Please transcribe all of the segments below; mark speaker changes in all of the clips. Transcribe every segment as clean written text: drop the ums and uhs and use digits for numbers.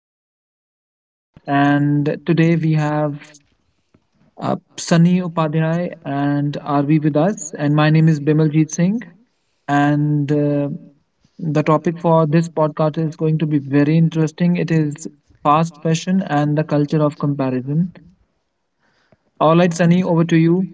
Speaker 1: TP Podcast. And today we have Sunny Upadhyay and RV with us. And my name is Bimaljeet Singh. And the topic for this podcast is going to be very interesting. It is fast fashion and the culture of comparison. All right, Sunny, over to you.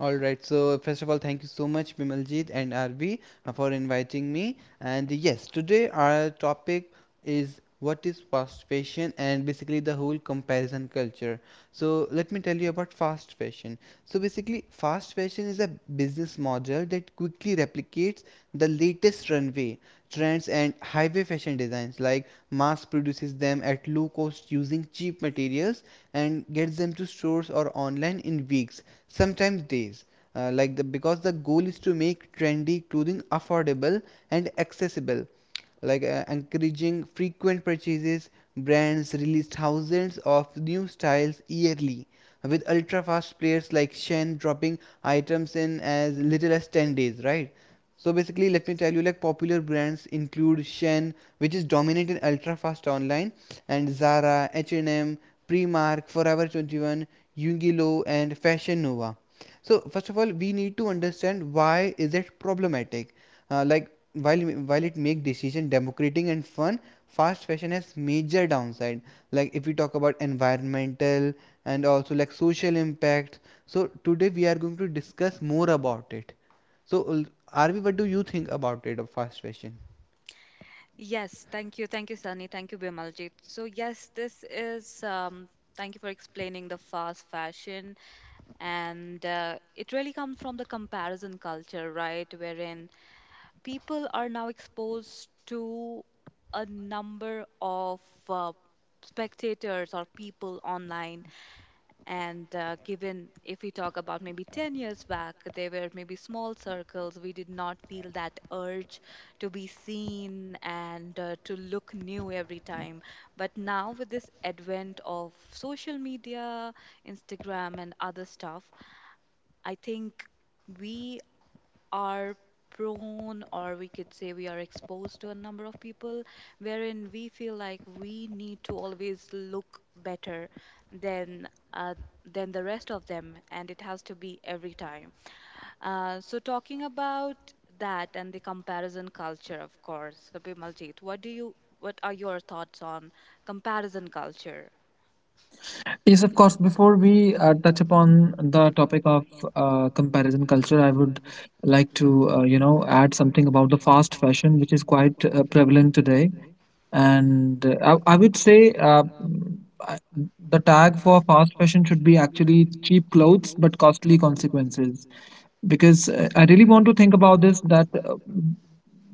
Speaker 2: All right. So first of all, thank you so much, Bimaljit and RB, for inviting me. And yes, today our topic is what is fast fashion and basically the whole comparison culture. So let me tell you about fast fashion. So basically, fast fashion is a business model that quickly replicates the latest runway trends and highway fashion designs, like mass produces them at low cost using cheap materials and gets them to stores or online in weeks, sometimes days, like the because the goal is to make trendy clothing affordable and accessible, encouraging frequent purchases. Brands release thousands of new styles yearly, with ultra fast players like Shen dropping items in as little as 10 days, right? So basically, let me tell you, like, popular brands include Shen, which is dominant in ultra fast online, and Zara, H&M, Primark, Forever 21, Yungilo and Fashion Nova. So first of all, we need to understand why is it problematic. Like while while it make decision democratic and fun, fast fashion has major downside. Like if we talk about environmental and also like social impact. So today we are going to discuss more about it. So Arvi, what do you think about it, of fast fashion?
Speaker 3: Yes, thank you. Thank you, Sunny. Thank you, Bimaljit. Thank you for explaining the fast fashion. And it really comes from the comparison culture, right? Wherein people are now exposed to a number of uh, spectators or people online, and given if we talk about maybe 10 years back, they were maybe small circles. We did not feel that urge to be seen and to look new every time. But now with this advent of social media, Instagram and other stuff, I think we are prone, or we could say we are exposed to a number of people wherein we feel like we need to always look better than uh, than the rest of them, and it has to be every time. So talking about that and the comparison culture, of course. So Bimaljit, what are your thoughts on comparison culture?
Speaker 1: Yes, of course. Before we touch upon the topic of comparison culture, I would like to, you know, add something about the fast fashion, which is quite prevalent today. And I would say the tag for fast fashion should be actually cheap clothes but costly consequences. Because I really want to think about this that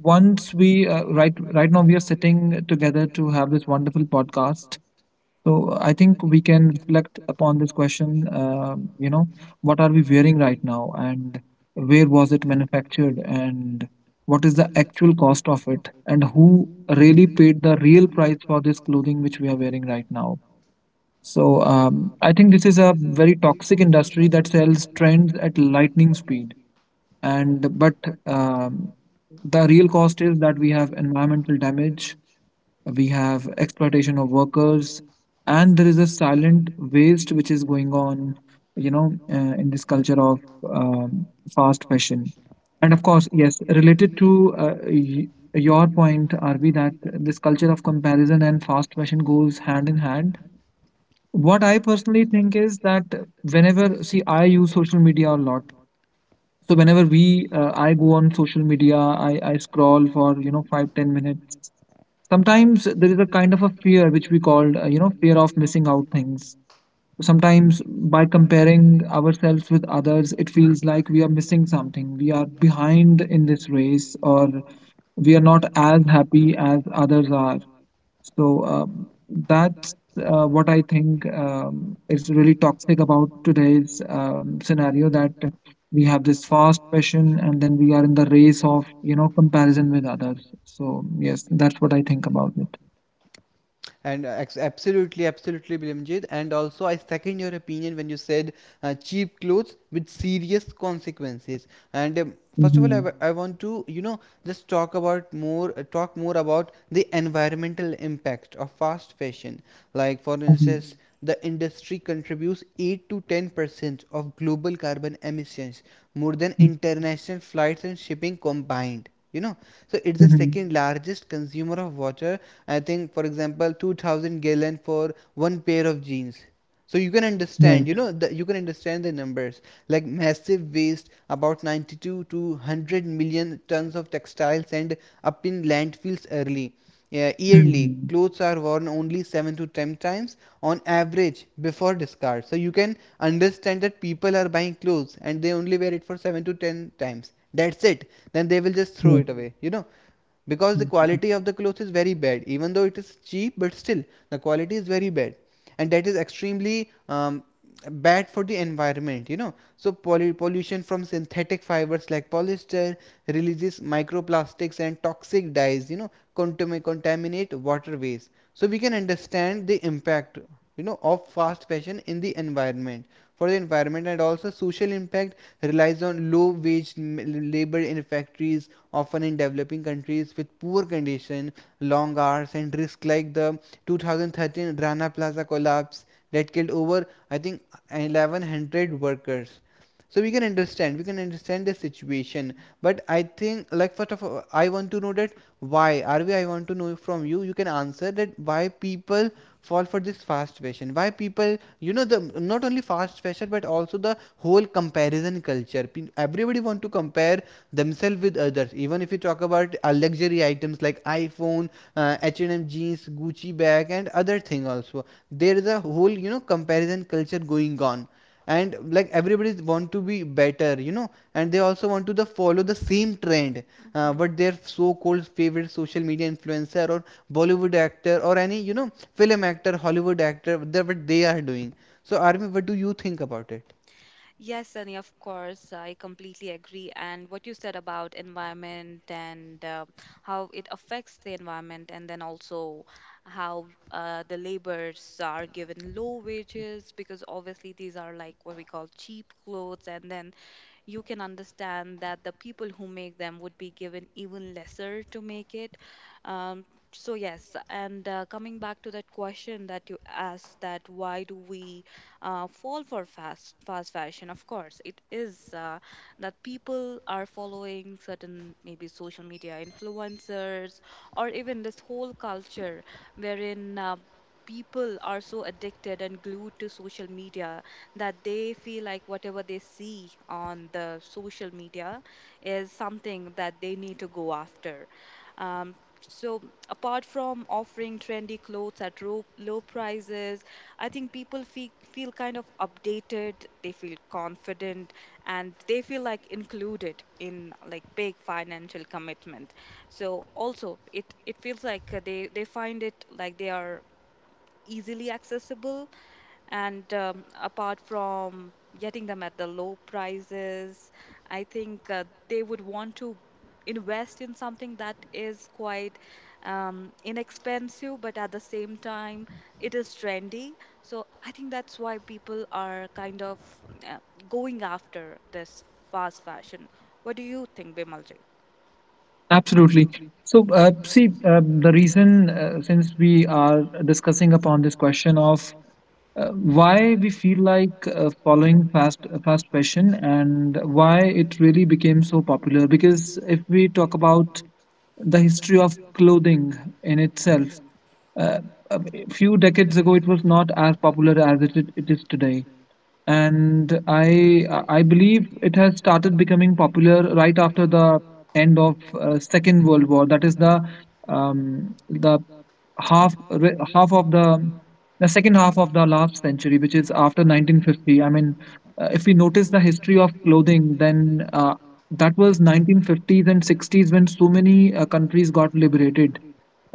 Speaker 1: once we right now we are sitting together to have this wonderful podcast, so I think we can reflect upon this question. You know, what are we wearing right now, and where was it manufactured, and what is the actual cost of it, and who really paid the real price for this clothing which we are wearing right now. So I think this is a very toxic industry that sells trends at lightning speed, and but um, the real cost is that we have environmental damage, we have exploitation of workers, and there is a silent waste which is going on, in this culture of um, fast fashion. And of course, yes, related to your point, rb that this culture of comparison and fast fashion goes hand in hand. What I personally think is that whenever, see, I use social media a lot, so whenever we I go on social media, I scroll for, you know, 5-10 minutes. Sometimes there is a kind of a fear which we called, you know, fear of missing out things. Sometimes by comparing ourselves with others, it feels like we are missing something, we are behind in this race, or we are not as happy as others are. So that's what I think is really toxic about today's scenario, that we have this fast passion and then we are in the race of, you know, comparison with others. So yes, that's what I think about it.
Speaker 2: And absolutely, absolutely, Bilimjit. And also, I second your opinion when you said cheap clothes with serious consequences. And first of all,
Speaker 1: Mhm.
Speaker 2: I want to, you know, just talk more about the environmental impact of fast fashion. Like, for
Speaker 1: Mhm.
Speaker 2: instance, the industry contributes 8 to 10% of global carbon emissions, more than
Speaker 1: Mm.
Speaker 2: international flights and shipping combined. You know, so it's the
Speaker 1: Mhm.
Speaker 2: second largest consumer of water. I think, for example, 2000 gallon for one pair of jeans. So you can understand, you
Speaker 1: Right.
Speaker 2: know, that you can understand the numbers. Like massive waste, about 92 to 100 million tons of textiles end up in landfills early, yeah, yearly.
Speaker 1: Mhm.
Speaker 2: Clothes are worn only 7 to 10 times on average before discard. So you can understand that people are buying clothes and they only wear it for 7 to 10 times, that's it. Then they will just throw
Speaker 1: Yes.
Speaker 2: it away, you know, because the
Speaker 1: Mhm.
Speaker 2: quality of the cloth is very bad. Even though it is cheap, but still the quality is very bad, and that is extremely bad for the environment, you know. So pollution from synthetic fibers like polyester releases microplastics and toxic dyes, you know, contaminate waterways. So we can understand the impact, you know, of fast fashion in the environment, for the environment. And also social impact, relies on low wage labor in factories, often in developing countries with poor condition, long hours and risk, like the 2013 Rana Plaza collapse that killed over, I think, 1100 workers. So we can understand, we can understand the situation. But I think, like, first of all I want to know that why are we I want to know from you, you can answer that, why people fall for this fast fashion, why people, you know, the not only fast fashion but also the whole comparison culture. Everybody want to compare themselves with others. Even if you talk about luxury items like iPhone, H&M jeans, Gucci bag and other thing also, there is a whole, you know, comparison culture going on. And like everybody want to be better, you know, and they also want to the follow the same trend, what their so-called favorite social media influencer or Bollywood actor or any, you know, film actor, Hollywood actor, that what they are doing. So Armin, what do you think about it?
Speaker 3: Yes, Sunny, of course. I completely agree. And what you said about environment and how it affects the environment, and then also how the laborers are given low wages, because obviously these are like what we call cheap clothes, and then you can understand that the people who make them would be given even lesser to make it. Um, so, yes, and coming back to that question that you asked, that why do we fall for fast fashion? Of course, it is that people are following certain maybe social media influencers or even this whole culture wherein people are so addicted and glued to social media that they feel like whatever they see on the social media is something that they need to go after. Um, so apart from offering trendy clothes at low prices, I think people feel kind of updated, they feel confident, and they feel like included in like big financial commitment. So also, it feels like they find it like they are easily accessible, and apart from getting them at the low prices, I think they would want to invest in something that is quite inexpensive but at the same time it is trendy. So I think that's why people are kind of uh, going after this fast fashion. What do you think, Bimaljit?
Speaker 1: Absolutely. So, see, the reason, since we are discussing upon this question of why we feel like following fast fashion and why it really became so popular, because if we talk about the history of clothing in itself, uh, a few decades ago it was not as popular as it is today. And I believe it has started becoming popular right after the end of Second World War. That is the half of the second half of the last century, which is after 1950. I mean, if we notice the history of clothing, then that was 1950s and 60s when so many countries got liberated,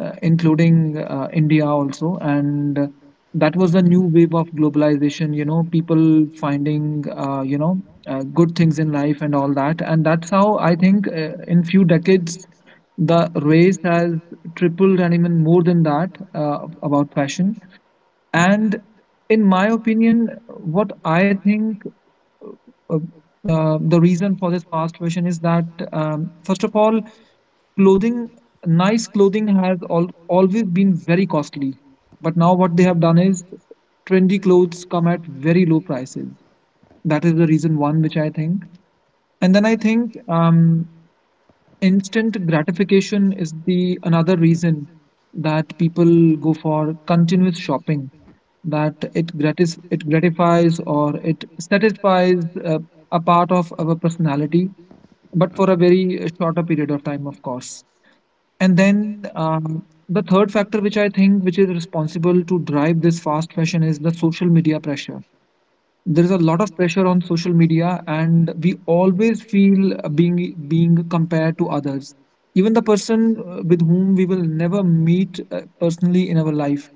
Speaker 1: including India also. And that was a new wave of globalization, you know, people finding, you know, good things in life and all that. And that's how I think, in few decades, the race has tripled and even more than that, about fashion. And in my opinion, what I think, uh, the reason for this fast fashion is that, first of all, clothing nice clothing has always been very costly, but now what they have done is trendy clothes come at very low prices. That is the reason one, which I think. And then I think, um, instant gratification is the another reason, that people go for continuous shopping, that it gratifies, or it satisfies, uh, a part of our personality, but for a very shorter period of time, of course. And then the third factor, which I think, which is responsible to drive this fast fashion, is the social media pressure. There is a lot of pressure on social media, and we always feel being compared to others. Even the person with whom we will never meet personally in our life,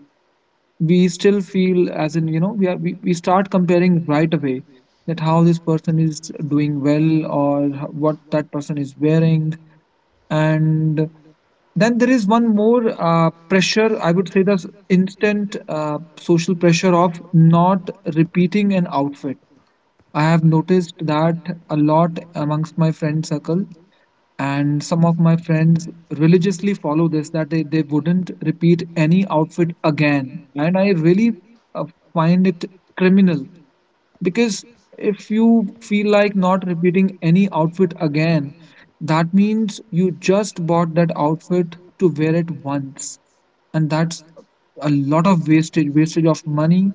Speaker 1: we still feel as in, you know, we start comparing right away, that how this person is doing well, or what that person is wearing. And then there is one more pressure, I would say, the instant social pressure of not repeating an outfit. I have noticed that a lot amongst my friend circle, and some of my friends religiously follow this, that they wouldn't repeat any outfit again. And I really uh, find it criminal, because if you feel like not repeating any outfit again, that means you just bought that outfit to wear it once. And that's a lot of wastage of money,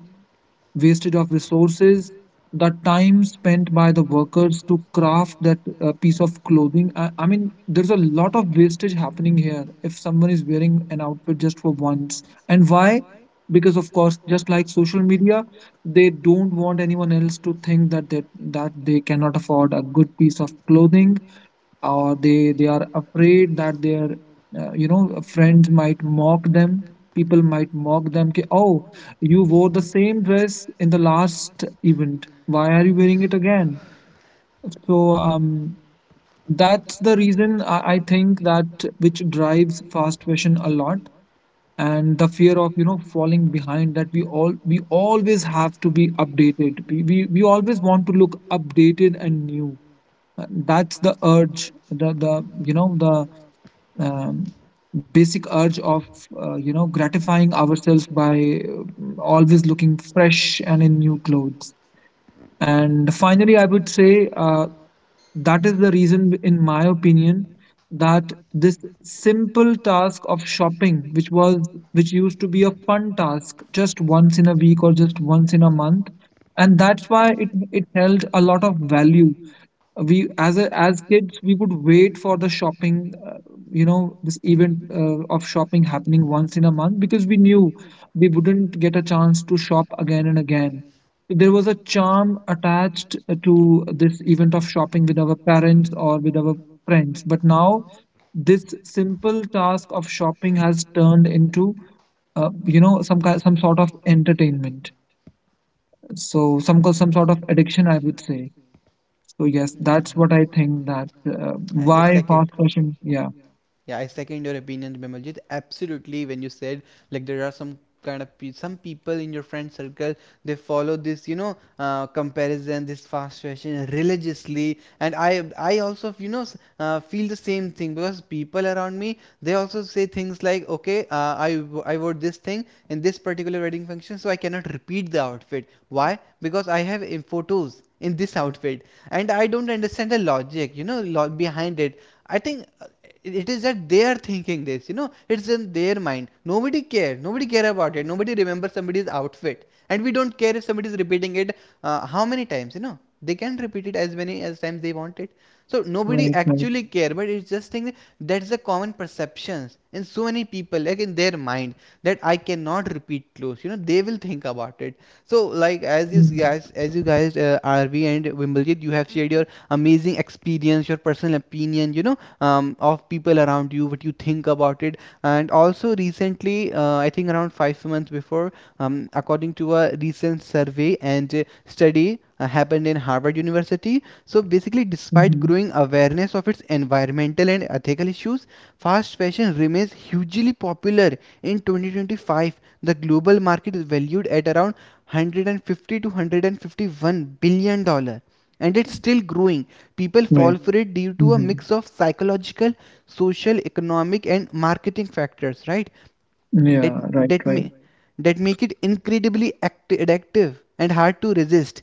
Speaker 1: wastage of resources, the time spent by the workers to craft that piece of clothing. I mean, there's a lot of wastage happening here if someone is wearing an outfit just for once. And why? Because of course, just like social media, they don't want anyone else to think that that they cannot afford a good piece of clothing, or they are afraid that their you know, friends might mock them, people might mock them, ki, oh, you wore the same dress in the last event, why are you wearing it again? So that's the reason, I think, that which drives fast fashion a lot. And the fear of, you know, falling behind, that we always have to be updated, we always want to look updated and new. That's the urge, the you know, the um, basic urge of you know, gratifying ourselves by always looking fresh and in new clothes. And finally I would say, that is the reason in my opinion, that this simple task of shopping, which used to be a fun task just once in a week or just once in a month, and that's why it held a lot of value. We as a, as kids, we would wait for the shopping, you know, this event of shopping happening once in a month, because we knew we wouldn't get a chance to shop again and again. There was a charm attached to this event of shopping with our parents or with our friends. But now this simple task of shopping has turned into, you know, some sort of entertainment, so some sort of addiction, I would say. So yes, that's what I think that,
Speaker 2: I
Speaker 3: Mm-hmm,
Speaker 1: why
Speaker 2: second.
Speaker 1: fast fashion? Yeah,
Speaker 2: Yeah, I second your opinion, Bimaljit. Absolutely, when you said like there are some some people in your friend circle, they follow this, you know, comparison, this fast fashion, religiously. And I also, you know, feel the same thing, because people around me, they also say things like, okay, I wore this thing in this particular wedding function, so I cannot repeat the outfit. Why? Because I have in photos in this outfit, and I don't understand the logic, you know, behind it. I think it is that they are thinking this, you know, it's in their mind. Nobody care, nobody care about it, nobody remembers somebody's outfit, and we don't care if somebody is repeating it, how many times, you know. They can repeat it as many as times they want it. So nobody
Speaker 1: right, right.
Speaker 2: actually care, but it's just thing that that's the common perceptions in so many people, like in their mind, that I cannot repeat clothes, you know, they will think about it. So, like
Speaker 1: Mm-hmm.
Speaker 2: as you guys, RV and Wimbledon, you have shared
Speaker 3: mm-hmm.
Speaker 2: your amazing experience, your personal opinion, you know, of people around you, what you think about it. And also recently, I think around 5 months before, according to a recent survey and study happened in Harvard University. So basically, despite
Speaker 1: Mm-hmm.
Speaker 2: growing awareness of its environmental and ethical issues, fast fashion remains hugely popular. In 2025, the global market is valued at around 150 to 151 dollars, and it's still growing. People fall
Speaker 1: Right.
Speaker 2: for it due to a
Speaker 1: Mm-hmm.
Speaker 2: mix of psychological, social, economic, and marketing factors, right? That
Speaker 1: Yeah, right,
Speaker 2: that may
Speaker 1: right.
Speaker 2: that make it incredibly addictive and hard to resist.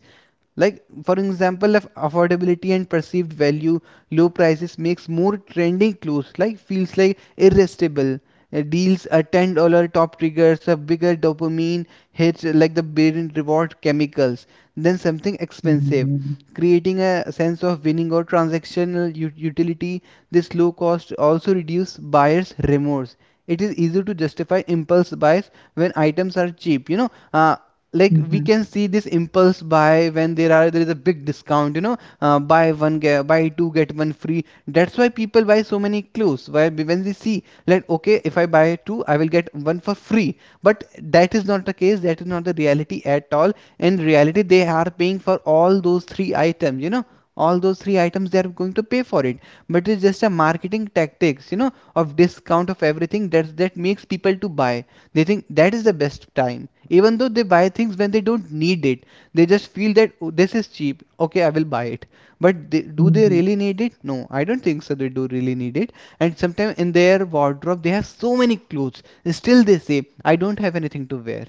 Speaker 2: Like for example, of affordability and perceived value, low prices makes more trending clothes like feels like irresistible. Deals, a $10 top triggers a bigger dopamine hit, like the brain reward chemicals, than something expensive,
Speaker 1: Mm-hmm.
Speaker 2: creating a sense of winning or transactional utility. This low cost also reduces buyer's remorse. It is easy to justify impulse buys when items are cheap. You know, like we
Speaker 1: Mm-hmm.
Speaker 2: can see this impulse buy when there is a big discount. You know, buy two get one free. That's why people buy so many clothes. Why? When they see like, okay, if I buy two, I will get one for free. But that is not the case. That is not the reality at all. In reality they are paying for all those three items, you know, all those three items, they are going to pay for it. But it's just a marketing tactics, you know, of discount of everything, that that makes people to buy. They think that is the best time, even though they buy things when they don't need it. They just feel that, "Oh, this is cheap, okay, I will buy it." But they, do they
Speaker 1: Mm-hmm.
Speaker 2: really need it? No, I don't think so they do really need it. And sometimes in their wardrobe they have so many clothes, still they say, "I don't have anything to wear,"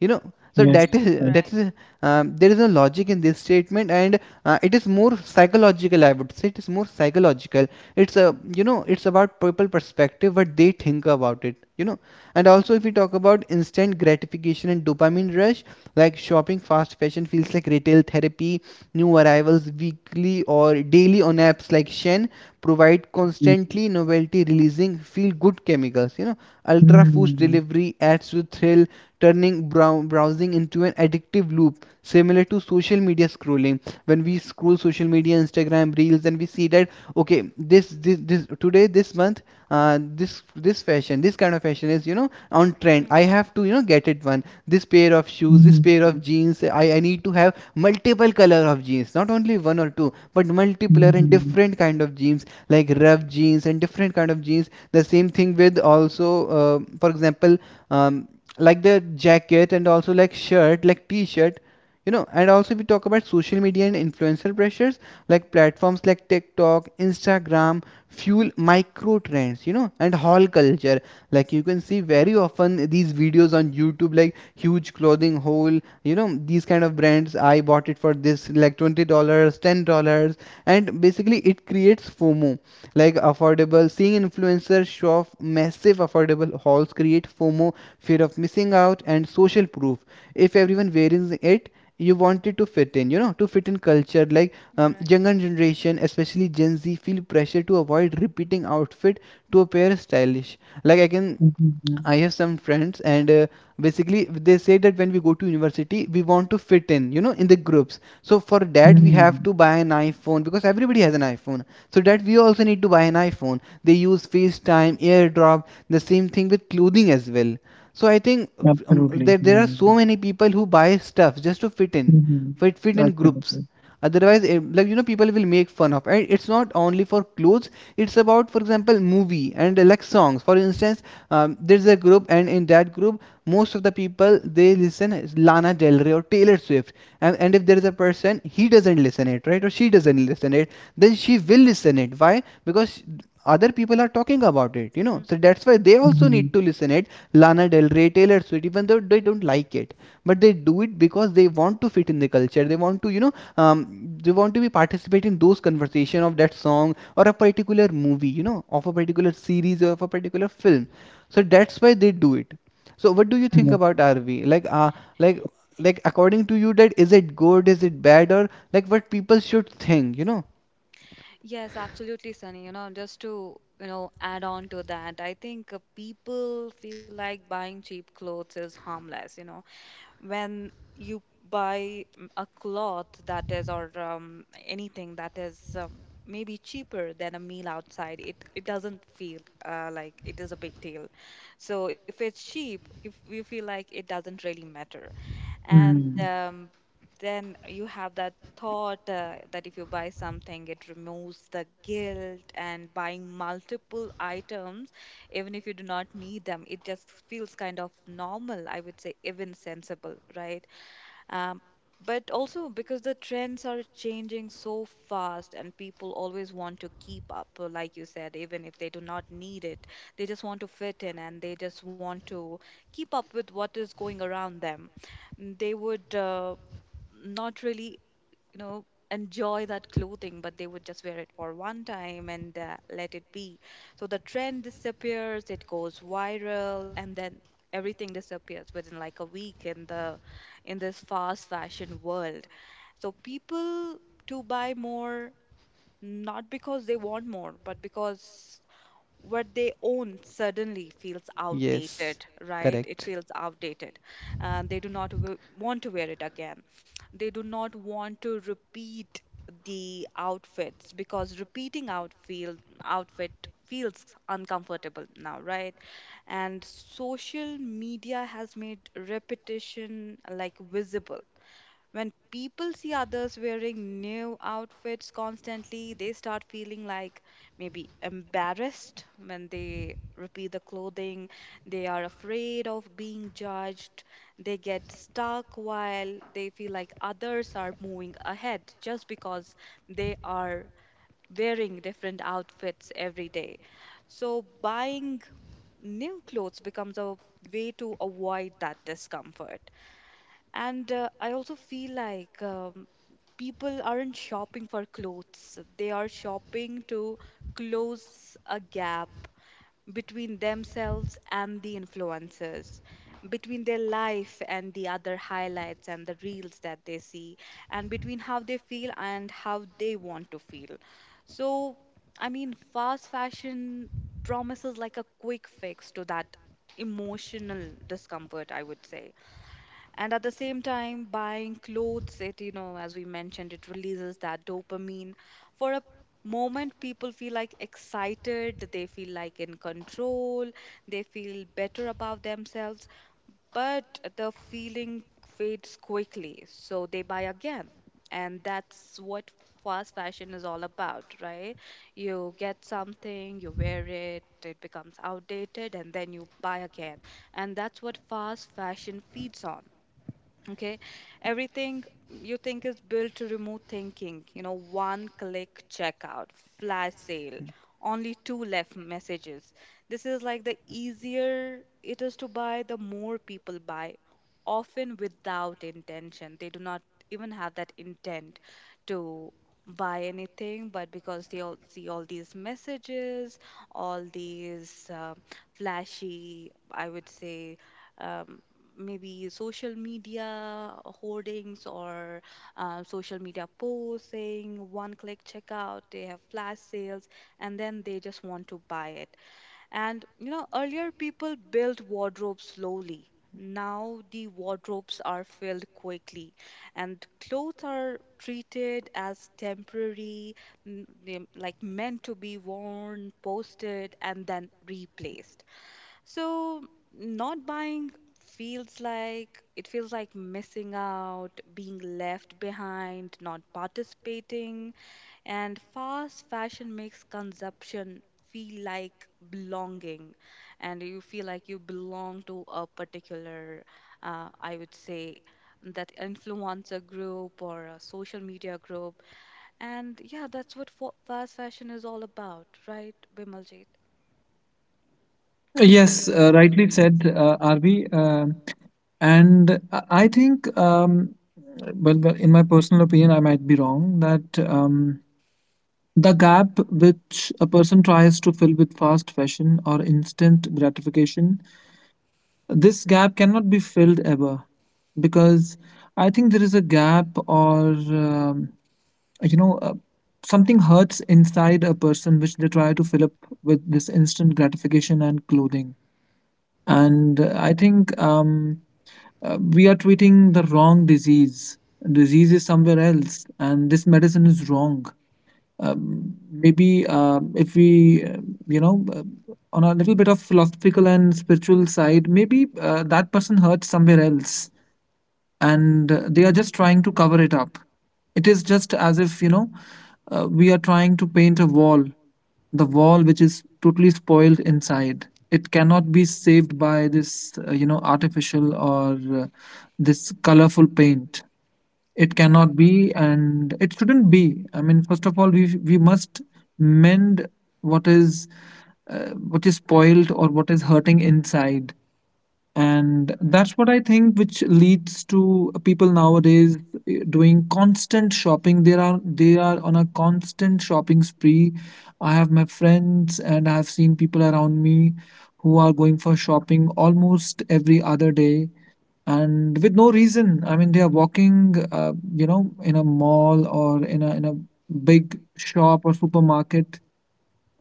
Speaker 2: you know. So
Speaker 1: Yes. Mm-hmm.
Speaker 2: that
Speaker 3: Right.
Speaker 2: is there is a logic in this statement. And it is more psychological, I would say, it is more psychological. It's a, you know, it's about people perspective, what they think about it, you know. And also if we talk about instant gratification and dopamine rush, like shopping fast fashion feels like retail therapy. New arrivals weekly or daily on apps like Shen provide constantly novelty, releasing feel good chemicals, you know. Ultra foods
Speaker 1: Mm-hmm.
Speaker 2: delivery adds to thrill, turning browsing into an addictive loop, similar to social media scrolling. When we scroll social media, Instagram reels, and we see that, okay, this today, this month, this fashion, this kind of fashion is, you know, on trend,
Speaker 3: Mm,
Speaker 2: I have to, you know, get it. One, this pair of shoes, this pair of
Speaker 1: Mm-hmm.
Speaker 2: jeans, I need to have multiple color of jeans, not only one or two but multiple and
Speaker 1: Mm-hmm.
Speaker 2: different kind of jeans, like rough jeans and different kind of jeans. The same thing with also, for example, um, like the jacket, and also like shirt, like t-shirt, you know. And also we talk about social media and influencer pressures, like platforms like TikTok, Instagram, fuel micro trends, you know, and haul culture. Like you can see very often these videos on YouTube, like huge clothing haul, you know, these kind of brands. I bought it for this, like, $20 dollars, $10, and basically it creates FOMO. Like affordable, seeing influencers show off massive affordable hauls create FOMO, fear of missing out, and social proof. If everyone wearing it, you wanted to fit in, you know, to fit in culture. Like
Speaker 3: right.
Speaker 2: younger generation, especially Gen Z, feel pressure to avoid repeating outfit to appear stylish. Like I have some friends, and basically they say that when we go to university, we want to fit in, you know, in the groups. So for that, we
Speaker 1: Mm-hmm.
Speaker 2: have to buy an iPhone because everybody has an iPhone. So that we also need to buy an iPhone. They use FaceTime, AirDrop, the same thing with clothing as well. So I think
Speaker 1: Absolutely.
Speaker 2: there are
Speaker 1: Mm-hmm.
Speaker 2: so many people who buy stuff just to fit in, fit in groups,
Speaker 1: Absolutely.
Speaker 2: otherwise it, like you know people will make fun of. And it's not only for clothes, it's about for example movie and like songs for instance. There's a group and in that group most of the people they listen Lana Del Rey or Taylor Swift. And if there is a person he doesn't listen it, right, or she doesn't listen it, then she will listen it. Why? Because other people are talking about it, you know, so
Speaker 3: Mm,
Speaker 2: that's why they also need
Speaker 1: Mm-hmm.
Speaker 2: to listen it. Lana Del Rey, Taylor Swift, even though they don't like it, but they do it because they want to fit in the culture. They want to you know um, they want to be participate in those conversation of that song or a particular movie, you know, of a particular series or of a particular film. So that's why they do it. So what do you think
Speaker 1: Yeah.
Speaker 3: right.
Speaker 2: about RV, like like like according to you, that is it good, is it bad, or like what people should think, you know?
Speaker 3: Yes, absolutely, Sunny. You know, just to, you know, add on to that, I think people feel like buying cheap clothes is harmless, you know, when you buy a cloth that is, or anything that is maybe cheaper than a meal outside, it doesn't feel like it is a big deal. So if it's cheap, if we feel like it doesn't really matter, and
Speaker 1: Mm.
Speaker 3: then you have that thought that if you buy something, it removes the guilt, and buying multiple items, even if you do not need them, it just feels kind of normal, I would say even sensible, right? um, but also, because the trends are changing so fast and people always want to keep up, like you said, even if they do not need it, they just want to fit in, and they just want to keep up with what is going around them. Mm, they would not really, you know, enjoy that clothing, but they would just wear it for one time and let it be. So the trend disappears, it goes viral, and then everything disappears within like a week in the in this fast fashion world. So people to buy more, not because they want more, but because what they own suddenly feels
Speaker 2: Yes,
Speaker 3: outdated, right? It
Speaker 2: correct.
Speaker 3: feels outdated. And they do not want to wear it again. They do not want to repeat the outfits, because repeating outfit feels uncomfortable now, right? And social media has made repetition like visible. When people see others wearing new outfits constantly, they start feeling like maybe embarrassed when they repeat the clothing. They are afraid of being judged. They get stuck while they feel like others are moving ahead just because they are wearing different outfits every day. So buying new clothes becomes a way to avoid that discomfort. And I also feel like people aren't shopping for clothes, they are shopping to close a gap between themselves and the influencers, between their life and the other highlights and the reels that they see, and between how they feel and how they want to feel. So, I mean, fast fashion promises like a quick fix to that emotional discomfort, I would say. And at the same time, buying clothes, it, you know, as we mentioned, it releases that dopamine. For a moment, people feel like excited, they feel like in control, they feel better about themselves. But the feeling fades quickly, so they buy again. And that's what fast fashion is all about, right? You get something, you wear it, it becomes outdated, and then you buy again. And that's what fast fashion feeds on. Okay, everything you think is built to remove thinking, you know, one click checkout, flash sale, only two left messages. This is like the easier it is to buy, the more people buy, often without intention. They do not even have that intent to buy anything, but because they all see all these messages, all these flashy, I would say, um, maybe social media hoardings, or social media posting, one click checkout, they have flash sales, and then they just want to buy it. And you know, earlier people built wardrobes slowly. Now the wardrobes are filled quickly, and clothes are treated as temporary, like meant to be worn, posted, and then replaced. So not buying feels like, it feels like missing out, being left behind, not participating. And fast fashion makes consumption feel like belonging, and you feel like you belong to a particular I would say that influencer group or a social media group. And yeah, that's what fast fashion is all about, right, Bimaljit?
Speaker 1: Yes, rightly said, Arvi. And I think, well, in my personal opinion, I might be wrong, that the gap which a person tries to fill with fast fashion or instant gratification, this gap cannot be filled ever. Because I think there is a gap, or, you know, something hurts inside a person which they try to fill up with this instant gratification and clothing. And I think. We are treating the wrong disease. Disease is somewhere else, and this medicine is wrong. Maybe if we, you know, on a little bit of philosophical and spiritual side, maybe that person hurts somewhere else, and they are just trying to cover it up. It is just as if, you know, we are trying to paint a wall, the wall which is totally spoiled inside. It cannot be saved by this, you know, artificial or this colorful paint. It
Speaker 3: Mhm. Right,
Speaker 1: cannot be, and it shouldn't be. I mean, first of all, we must mend what is what is spoiled or what is hurting inside. And
Speaker 3: right.
Speaker 1: that's what I think which leads to people nowadays, doing constant shopping. They are on a constant shopping spree. I have my friends, and I've seen people around me who are going for shopping almost every other day, and with no reason. I mean, they are walking, you know, in a mall or in a big shop or supermarket.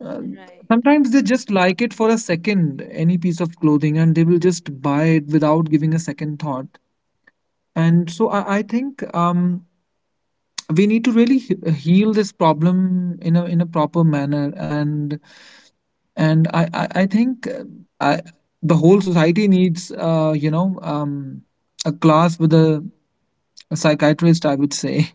Speaker 1: uh,
Speaker 3: Right.
Speaker 1: Sometimes they just like it for a second, any piece of clothing, and they will just buy it without giving a second thought. And so I think we need to really heal this problem in a proper manner. And I think I, the whole society needs, you know, a class with a psychiatrist, I would say.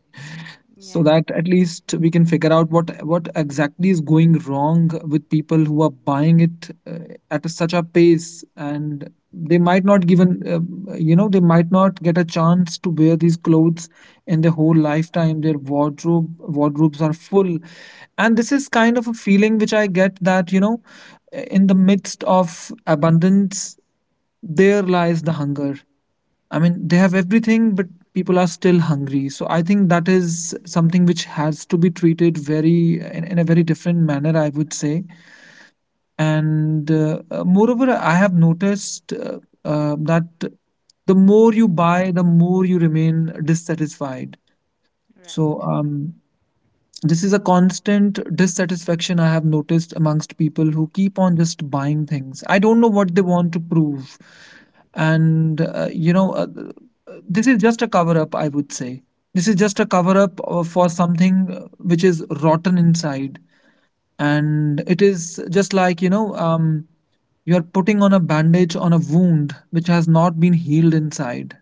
Speaker 3: Yeah.
Speaker 1: So that at least we can figure out what exactly is going wrong with people who are buying it at such a pace, and they might not given they might not get a chance to wear these clothes in their whole lifetime. Their wardrobes are full, and this is kind of a feeling which I get, that you know, in the midst of abundance there lies the hunger. I mean, they have everything, but people are still hungry. So I think that is
Speaker 3: Hmm.
Speaker 1: something which has to be treated very in a very different manner, I would say. And moreover, I have noticed that the more you buy, the more you remain dissatisfied.
Speaker 3: Right.
Speaker 1: So um, this is a constant dissatisfaction I have noticed amongst people who keep on just buying things. I don't know what they want to prove. And, uh, you know, uh, this is just a cover up, I would say. This is just a cover up for something which is rotten inside. And it is just like, you are putting on a bandage on a wound which has not been healed inside.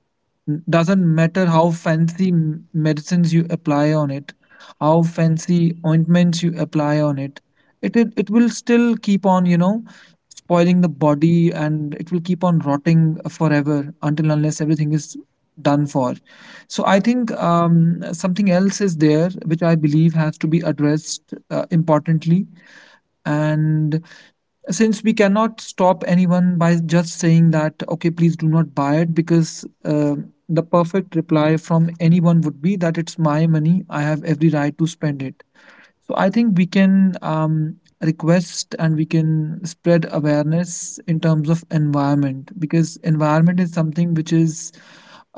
Speaker 1: Doesn't matter how fancy medicines you apply on it, how fancy ointments you apply on it, it will still keep on, you know, spoiling the body, and it will keep on rotting forever until unless everything is done for. So I think something else is there, which I believe has to be addressed importantly, and since we cannot stop anyone by just saying that, okay, please do not buy it, because the perfect reply from anyone would be that it's my money, I have every right to spend it. So I think we can request and we can spread awareness in terms of environment, because environment is something which is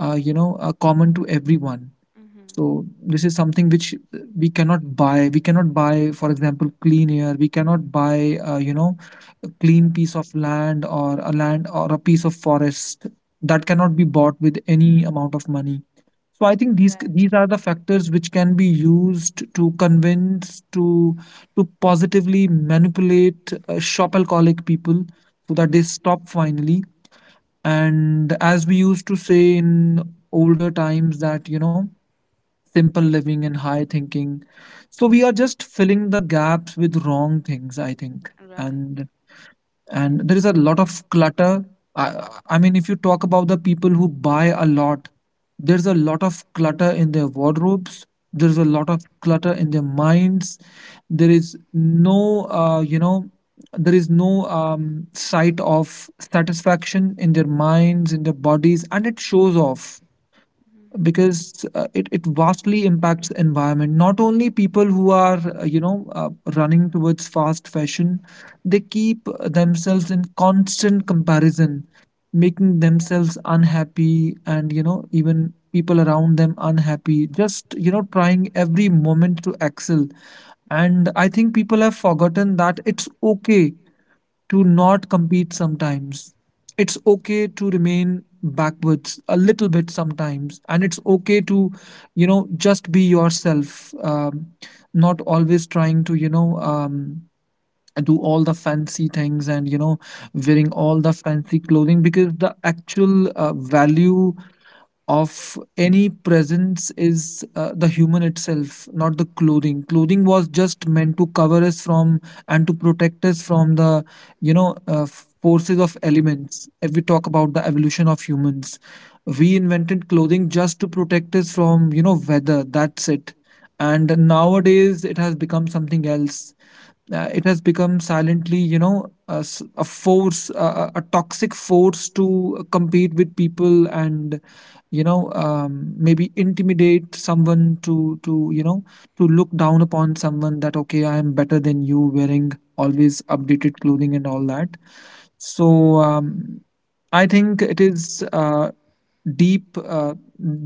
Speaker 1: common to everyone.
Speaker 3: Mm-hmm.
Speaker 1: So this is something which we cannot buy. We cannot buy, for example, clean air. We cannot buy, a clean piece of land, or a land, or a piece of forest. That cannot be bought with any amount of money. So I think these
Speaker 3: Right.
Speaker 1: these are the factors which can be used to convince, to positively manipulate shop alcoholic people, so
Speaker 3: Mm-hmm.
Speaker 1: that they stop finally. And as we used to say in older times, that you know, simple living and high thinking. So we are just filling the gaps with wrong things, I think.
Speaker 3: Right.
Speaker 1: And
Speaker 3: Yeah.
Speaker 1: and there is a lot of clutter. I, I mean, if you talk about the people who buy a lot, there's a lot of clutter in their wardrobes. There's a lot of clutter in their minds. There is no, there is no sight of satisfaction in their minds, in their bodies, and it shows off.
Speaker 3: Mm-hmm.
Speaker 1: Because it vastly impacts the environment. Not only people who are running towards fast fashion, they keep themselves in constant comparison, making themselves unhappy, and you know, even people around them unhappy, just you know, trying every moment to excel. And I think people have forgotten that it's okay to not compete sometimes. It's okay to remain backwards a little bit sometimes, and it's okay to, you know, just be yourself. Not always trying to, you know, do all the fancy things, and you know, wearing all the fancy clothing, because the actual value of any presence is the human itself, not the clothing. Clothing was just meant to cover us from and to protect us from the you know uh, forces of elements. If we talk about the evolution of humans, we invented clothing just to protect us from, you know, weather. That's it. And nowadays it has become something else. It has become silently, you know, a force, a toxic force to compete with people, and you know maybe intimidate someone, to you know, to look down upon someone, that okay, I am better than you, wearing always updated clothing and all that. So um, I think it is deep uh,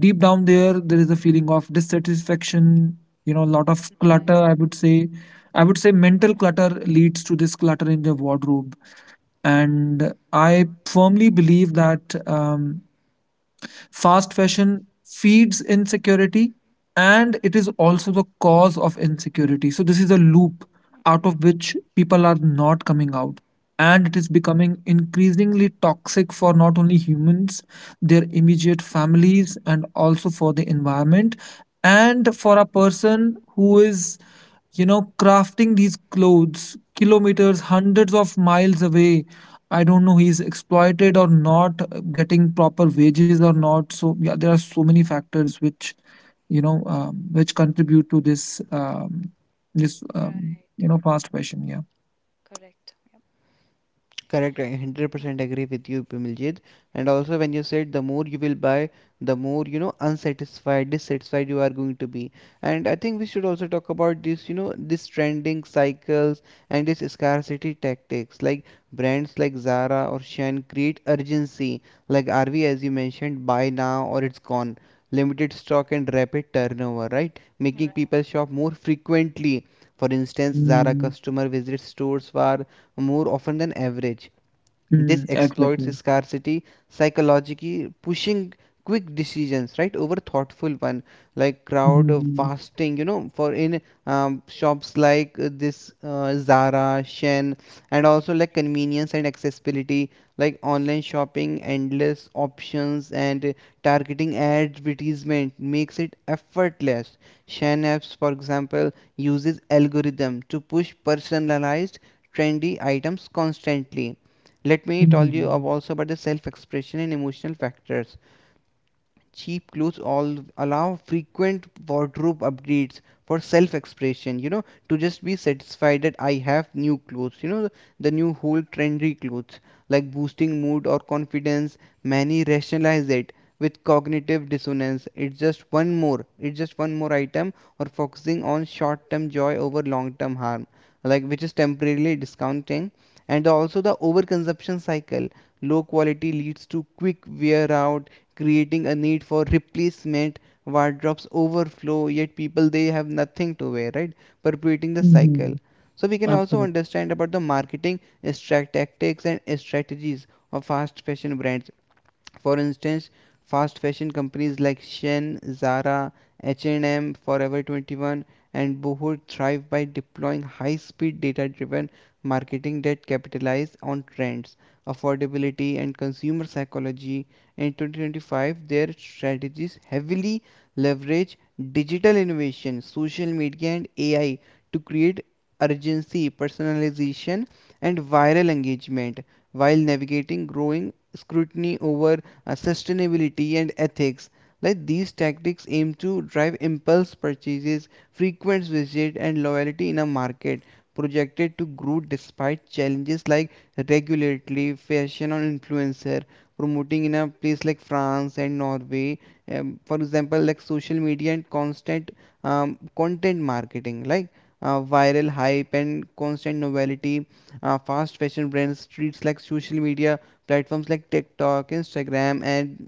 Speaker 1: deep down, there is a feeling of dissatisfaction, you know, a lot of
Speaker 3: Right.
Speaker 1: clutter, I would say. I would say mental clutter leads to this clutter in the wardrobe. And I firmly believe that fast fashion feeds insecurity, and it is also the cause of insecurity. So this is a loop out
Speaker 3: Mm-hmm.
Speaker 1: of which people are not coming out. And it is becoming increasingly toxic for not only humans, their immediate families, and also for the environment. And for a person who is you know, crafting these clothes kilometers, hundreds of miles away, I don't know, he's exploited or not, getting proper wages or not. So yeah, there are so many factors which you know which contribute to this
Speaker 3: Right.
Speaker 1: you know, fast fashion. Yeah.
Speaker 3: Correct. Yep.
Speaker 2: Correct, I 100% agree with you, Bimaljit. And also, when you said the more you will buy, the more unsatisfied, dissatisfied you are going to be. And I think we should also talk about this trending cycles and this scarcity tactics. Like brands like Zara or Shein create urgency, like RV, as you mentioned, buy now or it's gone. Limited stock and rapid turnover, right?
Speaker 3: Mm.
Speaker 2: Making
Speaker 3: Right.
Speaker 2: people shop more frequently. For instance, Zara
Speaker 1: Mm.
Speaker 2: customer visits stores for more often than average.
Speaker 1: Mm,
Speaker 2: This
Speaker 1: exactly.
Speaker 2: exploits scarcity, psychologically pushing quick decisions, right, over thoughtful one, like crowd of
Speaker 1: Mm-hmm.
Speaker 2: fasting, for in shops like this Zara, Shen. And also like convenience and accessibility, like online shopping, endless options, and targeting advertisement makes it effortless. Shen apps for example uses algorithm to push personalized trendy items constantly. Let me tell you
Speaker 1: Mm-hmm.
Speaker 2: of also about the self expression and emotional factors. Cheap clothes all allow frequent wardrobe updates for self expression, you know, to just be satisfied that I have new clothes, you know, the new whole trendy clothes, like boosting mood or confidence. Many rationalize it with cognitive dissonance, it's just one more, it's just one more item, or focusing on short term joy over long term harm, like which is temporarily discounting. And also the overconsumption cycle, low quality leads to quick wear out, creating a need for replacement. Wardrobes overflow, yet people they have nothing to wear, right? Perpetuating the cycle.
Speaker 1: Mm-hmm.
Speaker 2: So we can also
Speaker 1: Absolutely.
Speaker 2: understand about the marketing tactics and strategies of fast fashion brands. For instance, fast fashion companies like Shein, Zara, H&M, Forever 21, and Boohoo thrive by deploying high-speed data-driven marketing that capitalizes on trends, affordability, and consumer psychology. In 2025, their strategies heavily leverage digital innovation, social media, and AI to create urgency, personalization, and viral engagement while navigating growing scrutiny over sustainability, and ethics. Like these tactics aim to drive impulse purchases, frequent visits, and loyalty in a market projected to grow despite challenges like regulatory, fashion, or influencer promoting in a place like France and Norway. For example, like social media and constant content marketing, like viral hype and constant novelty. Fast fashion brands treats like social media platforms like TikTok, Instagram, and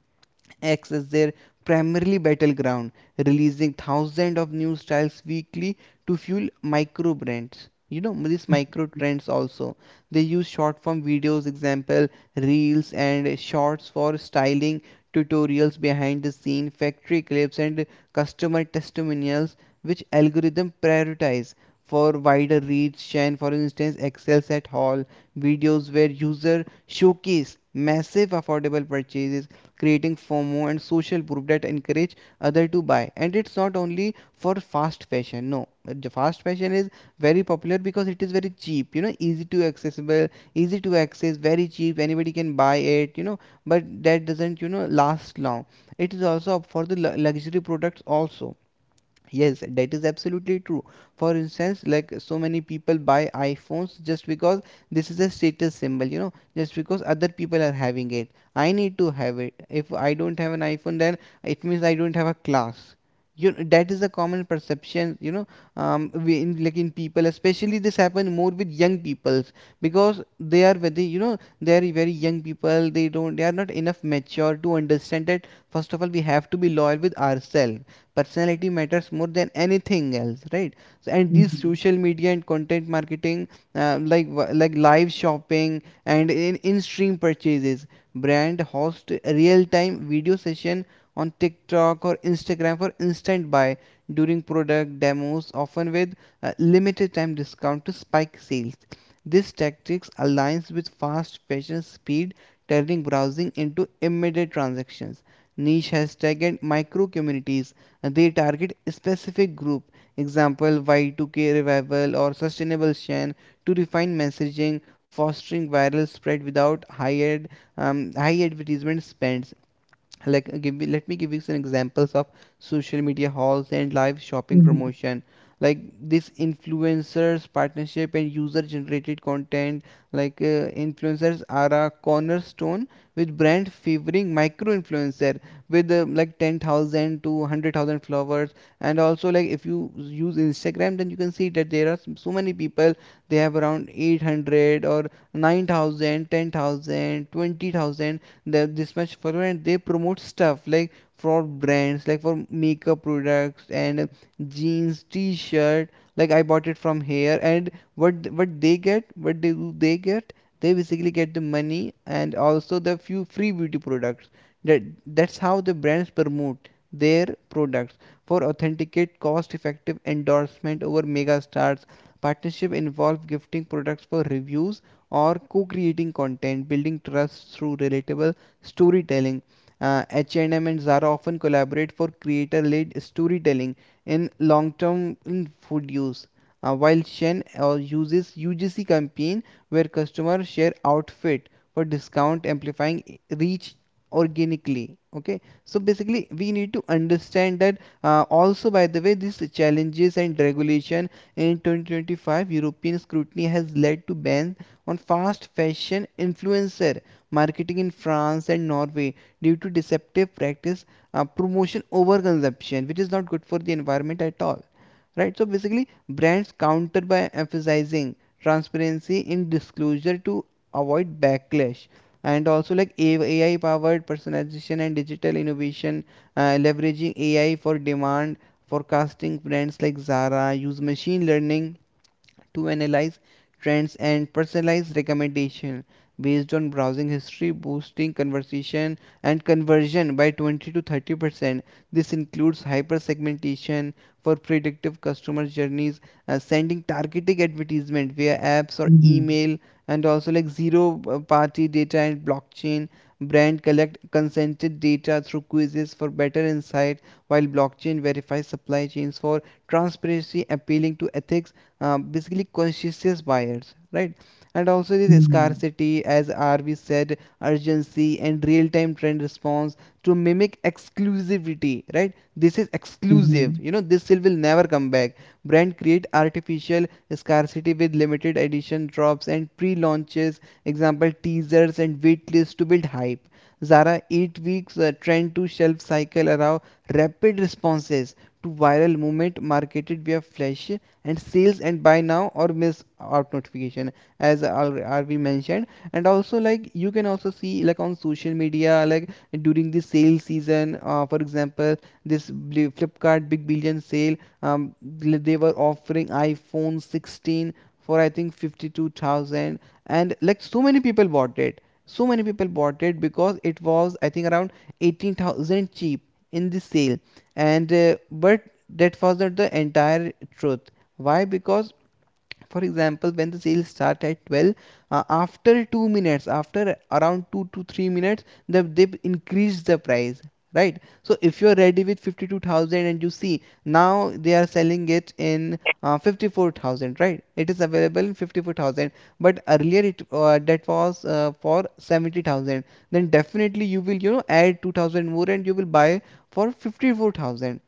Speaker 2: acts as their primarily battleground, releasing thousands of new styles weekly to fuel micro brands. You know these micro trends also. They use short form videos, example reels and shorts for styling tutorials, behind the scene, factory clips and customer testimonials, which algorithm prioritize for wider reach. And for instance, Excel set haul videos where user showcase massive affordable purchases creating FOMO and social proof that encourage other to buy. And it's not only for fast fashion. No, the fast fashion is very popular because it is very cheap. You know, easy to accessible, easy to access, very cheap. Anybody can buy it. You know, but that doesn't last long. It is also up for the luxury products also. Yes, that is absolutely true. For instance, like so many people buy iPhones just because this is a status symbol, you know, just because other people are having it. I need to have it. If I don't have an iPhone, then it means I don't have a class. You know, that is a common perception, you know, we in, like in people, especially this happens more with young people because they are very young people. They don't, they are not enough mature to understand that. First of all, we have to be loyal with ourselves. Personality matters more than anything else, right? So, and these
Speaker 1: Mm-hmm.
Speaker 2: social media and content marketing uh, like like live shopping and in stream purchases. Brand host real time video session on TikTok or Instagram for instant buy during product demos often with limited time discount to spike sales. This tactics aligns with fast fashion speed, turning browsing into immediate transactions. Niche hashtag and micro communities, they target specific group, example Y2K revival or sustainable shan, to refine messaging, fostering viral spread without high ad, high advertisement spends. Like let me give you some examples of social media hauls and live shopping promotion. Like this influencers partnership and user generated content, like influencers are a cornerstone with brand favoring micro influencer with like 10,000 to 100,000 followers. And also like if you use Instagram then you can see that there are so many people, they have around 800 or 9,000, 10,000, 20,000. That this much follower and they promote stuff like for brands, like for makeup products and jeans t-shirt, like I bought it from here. And what they get, what they do, they get, they basically get the money and also the few free beauty products. That that's how the brands promote their products. For authenticate cost effective endorsement over mega stars, partnership involve gifting products for reviews or co-creating content, building trust through relatable storytelling. H&M and M and Zara often collaborate for creator-led storytelling in long-term food use. While Shen uses UGC campaign where customers share outfit for discount, amplifying reach organically. Okay, so basically we need to understand that also by the way these challenges and regulation in 2025 European scrutiny has led to bans on fast fashion influencer marketing in France and Norway due to deceptive practice, promotion over consumption which is not good for the environment at all, right? So basically brands counter by emphasizing transparency in disclosure to avoid backlash. And also like AI powered personalization and digital innovation, leveraging AI for demand forecasting, brands like Zara use machine learning to analyze trends and personalize recommendation based on browsing history, boosting conversation and conversion by 20 to 30%. This includes hyper-segmentation for predictive customer journeys, sending targeted advertisement via apps or
Speaker 1: Mm-hmm.
Speaker 2: email. And also like zero-party data and blockchain. Brand collect consented data through quizzes for better insight, while blockchain verifies supply chains for transparency, appealing to ethics, basically conscious buyers, right? And also this
Speaker 1: Mm-hmm.
Speaker 2: scarcity, as RV said, urgency and real-time trend response to mimic exclusivity, right? This is exclusive,
Speaker 1: Mm-hmm.
Speaker 2: you know, this sale will never come back. Brand create artificial scarcity with limited edition drops and pre-launches, example teasers and wait lists to build hype. Zara 8 weeks trend to shelf cycle allow rapid responses to viral movement, marketed via flash and sales and buy now or miss out notification, as already mentioned. And also like you can also see like on social media, like during the sale season, for example this Flipkart big billion sale, um, they were offering iPhone 16 for I think 52,000. And like so many people bought it, so many people bought it because it was I think around 18,000 cheap in the sale. And but that was not the entire truth. Why? Because, for example, when the sale start at 12, after 2 minutes, after around 2 to 3 minutes, they increase the price, right? So if you're ready with 52,000 and you see now they are selling it in 54,000, right? It is available in 54,000, but earlier it that was for 70,000. Then definitely you will, add 2,000 more and you will buy for 54,000,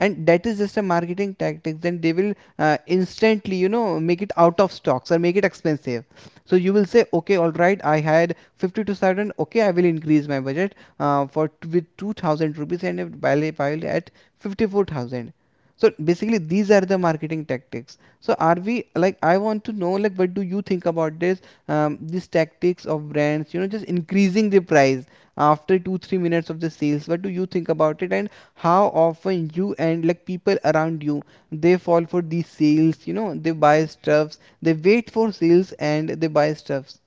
Speaker 2: and that is just a marketing tactic. Then they will instantly, make it out of stocks or make it expensive. So you will say, okay, all right, I had 50 to 7, okay, I will increase my budget for with 2,000 rupees and it buy at 54,000. So basically these are the marketing tactics. So are we, like, I want to know, like, what do you think about this, these tactics of brands,
Speaker 3: Mm-hmm.
Speaker 2: just increasing the price after 2 3 minutes of the sales? What do you think about it? And how often you and, like, people around you, they fall for these sales? You know, they buy stuffs, they wait for sales, and they buy stuffs.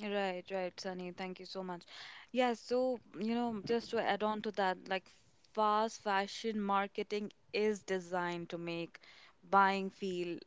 Speaker 3: Right, right, Sunny. Thank you so much. Yes, so, you know, just to add on to that, like fast fashion marketing is designed to make buying feel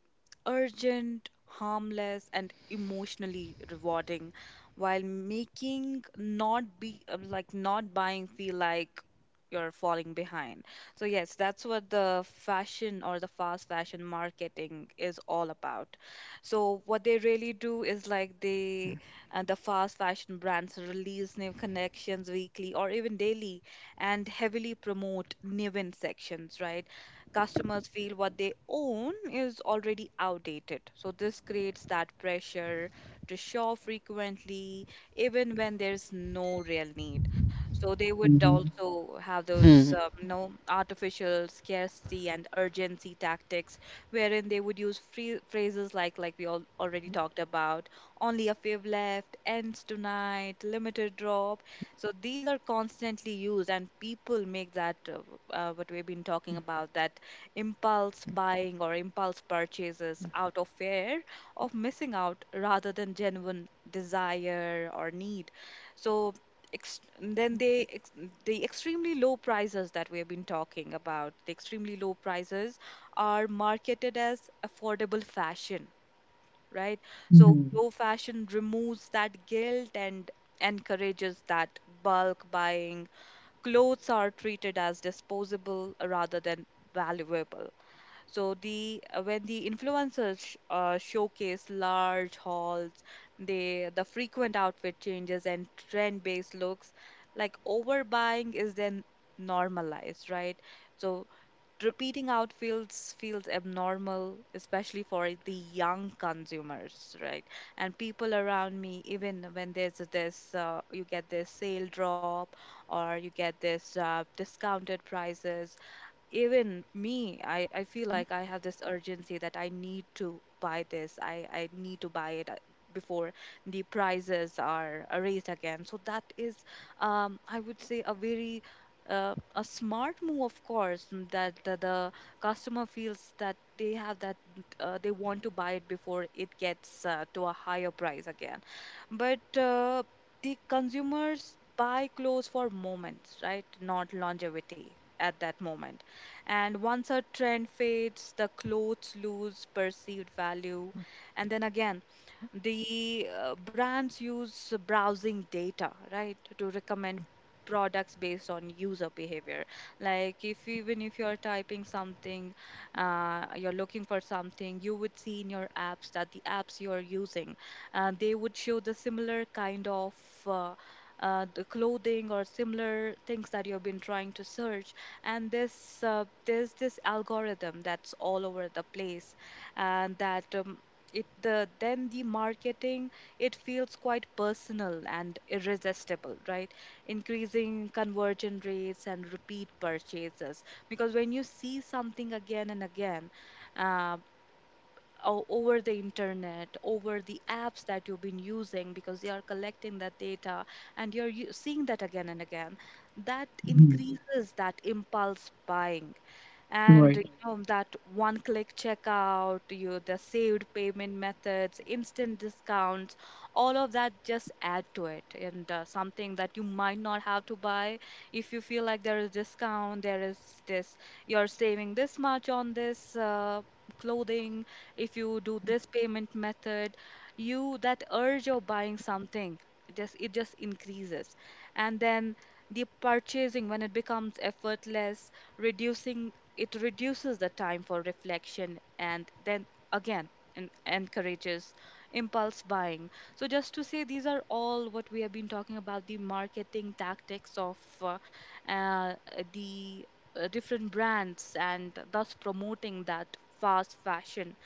Speaker 3: urgent, harmless, and emotionally rewarding, while making not be, like, not buying feel like you're falling behind. So yes, that's what the fashion, or the fast fashion marketing, is all about. So what they really do is like the fast fashion brands release new connections weekly or even daily, and heavily promote new in sections, right? Customers feel what they own is already outdated. So this creates that pressure to shop frequently, even when there's no real need. So they would
Speaker 1: Mm-hmm.
Speaker 3: also have those
Speaker 2: Hmm.
Speaker 3: you know, artificial scarcity and urgency tactics, wherein they would use free phrases like we all already talked about: only a few left, ends tonight, limited drop. So these are constantly used, and people make that what we've been talking about, that impulse buying or impulse purchases out of fear of missing out rather than genuine desire or need. So ex- then they ex- the extremely low prices that we have been talking about, the extremely low prices are marketed as affordable fashion, right? So
Speaker 1: Mm-hmm.
Speaker 3: slow fashion removes that guilt and encourages that bulk buying. Clothes are treated as disposable rather than valuable. So the when the influencers showcase large hauls, the frequent outfit changes and trend-based looks, like overbuying is then normalized, right? So repeating outfields feels abnormal, especially for the young consumers, right? And people around me, even when there's this, you get this sale drop or you get this discounted prices, even me, I feel like I have this urgency that I need to buy this, I need to buy it before the prices are raised again. So that is I would say a very a smart move, of course, that the customer feels that they have that they want to buy it before it gets to a higher price again. But the consumers buy clothes for moments, right, not longevity, at that moment. And once a trend fades, the clothes lose perceived value. And then again, the brands use browsing data, right, to recommend products based on user behavior. Like, if even if you're typing something, you're looking for something, you would see in your apps that the apps you're using, they would show the similar kind of uh, the clothing or similar things that you've been trying to search. And this there's this algorithm that's all over the place, and that it the then the marketing, it feels quite personal and irresistible, right? Increasing conversion rates and repeat purchases because when you see something again and again, uh, over the internet, over the apps that you've been using because they are collecting that data, and you're seeing that again and again, that
Speaker 1: Mm-hmm.
Speaker 3: increases that impulse buying. And you know that one click checkout, you the saved payment methods, instant discounts, all of that just add to it. And something that you might not have to buy, if you feel like there is discount, there is this, you're saving this much on this clothing, if you do this payment method, you that urge of buying something just it just increases. And then the purchasing, when it becomes effortless, reducing, it reduces the time for reflection, and then again encourages impulse buying. So, just to say, these are all what we have been talking about, the marketing tactics of uh, the different brands, and thus promoting that fast fashion.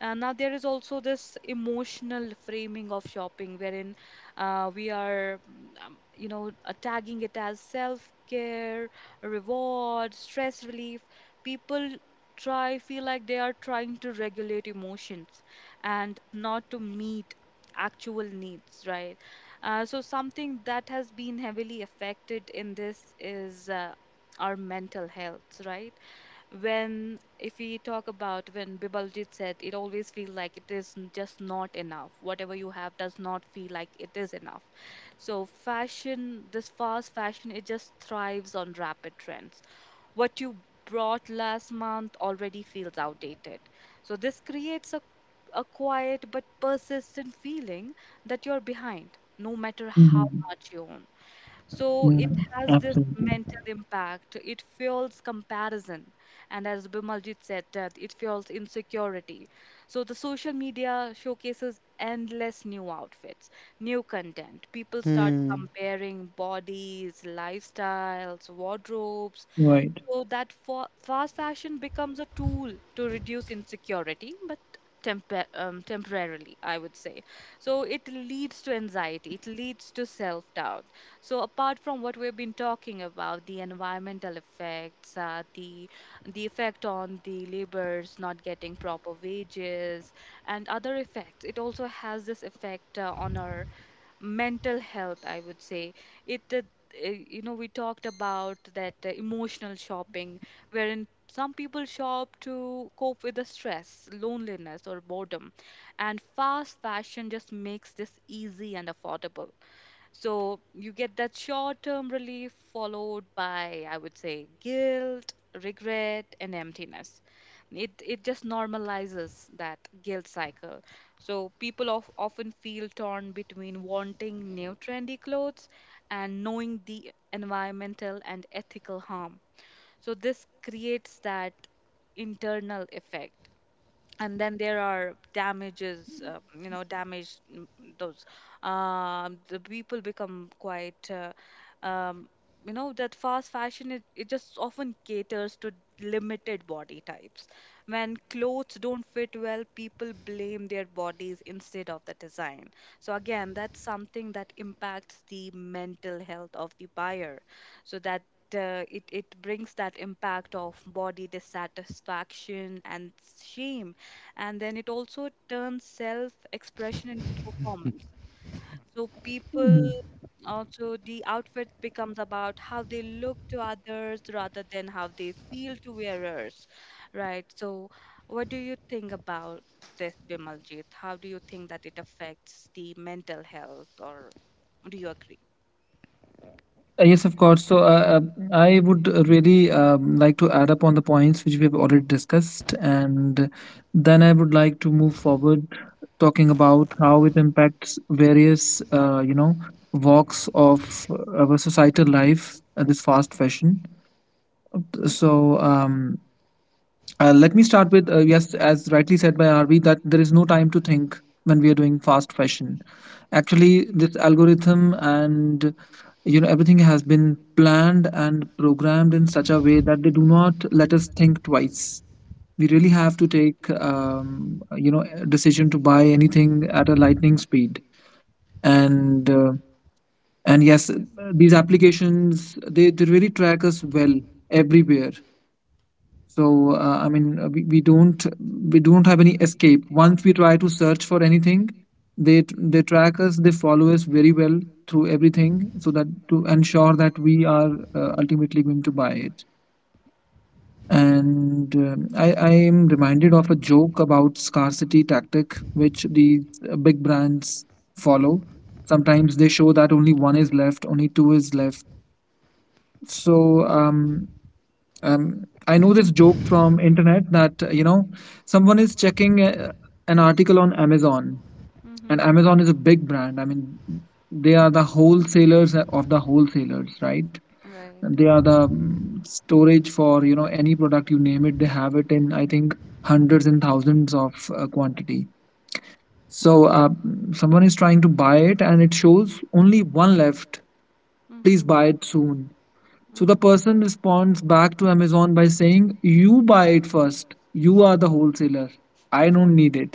Speaker 3: Now there is also this emotional framing of shopping, wherein we are, tagging it as self-care, reward, stress relief. People try feel like they are trying to regulate emotions and not to meet actual needs, right? So something that has been heavily affected in this is our mental health, right? When if we talk about, when Bibaljit said, it always feels like it is just not enough, whatever you have does not feel like it is enough. So fashion, this fast fashion, it just thrives on rapid trends. What you brought last month already feels outdated. So this creates a quiet but persistent feeling that you're behind, no matter how
Speaker 1: Right.
Speaker 3: much you own. So it
Speaker 1: Mm,
Speaker 3: has this
Speaker 1: absolutely.
Speaker 3: mental impact. It fuels comparison. And as Bimaljit said, that it fuels insecurity. So the social media showcases endless new outfits, new content. People start
Speaker 2: Hmm.
Speaker 3: comparing bodies, lifestyles, wardrobes.
Speaker 1: Right.
Speaker 3: So that fa fast fashion becomes a tool to reduce insecurity, but temper temporarily, I would say. So it leads to anxiety, it leads to self-doubt. So apart from what we've been talking about, the environmental effects, the effect on the laborers not getting proper wages, and other effects, it also has this effect on our mental health, I would say. It, uh, you know, we talked about that emotional shopping, wherein some people shop to cope with the stress, loneliness, or boredom, and fast fashion just makes this easy and affordable. So you get that short term relief followed by, I would say, guilt, regret, and emptiness. It just normalizes that guilt cycle. So people often feel torn between wanting new trendy clothes and knowing the environmental and ethical harm. So this creates that internal effect. And then there are damages you know, those the people become quite um you know, that fast fashion, it just often caters to limited body types. When clothes don't fit well, people blame their bodies instead of the design. So again, that's something that impacts the mental health of the buyer. So that it brings that impact of body dissatisfaction and shame. And then it also turns self expression into performance. So people,
Speaker 1: Mhm.
Speaker 3: also the outfit becomes about how they look to others rather than how they feel to wearers, right? So what do you think about this, Bimaljit? How do you think that it affects the mental health, or do you agree?
Speaker 1: Yes, of course. So I would really like to add up on the points which we have already discussed, and then I would like to move forward talking about how it impacts various, you know, walks of our societal life. This fast fashion. So let me start with yes, as rightly said by RV, that there is no time to think when we are doing fast fashion. Actually, this algorithm and you know, everything has been planned and programmed in such a way that they do not let us think twice. We really have to take you know, a decision to buy anything at a lightning speed, and yes, these applications, they really track us well everywhere. So we don't have any escape once we try to search for anything. They they track us, they follow us very well through everything, so that to ensure that we are ultimately going to buy it. And I am reminded of a joke about scarcity tactic which the big brands follow. Sometimes they show that only one is left, only two is left. So I know this joke from internet, that you know, someone is checking an article on Amazon,
Speaker 3: Mm-hmm.
Speaker 1: and Amazon is a big brand. I mean, they are the wholesalers of the wholesalers, right? And
Speaker 3: Right.
Speaker 1: they are the storage for you know, any product you name it. They have it in, I think, hundreds and thousands of quantity. So someone is trying to buy it, and it shows only one left. Please
Speaker 3: Mm-hmm.
Speaker 1: buy it soon. So the
Speaker 3: Mm-hmm.
Speaker 1: person responds back to Amazon by saying, "You buy it first. You are the wholesaler. I don't need it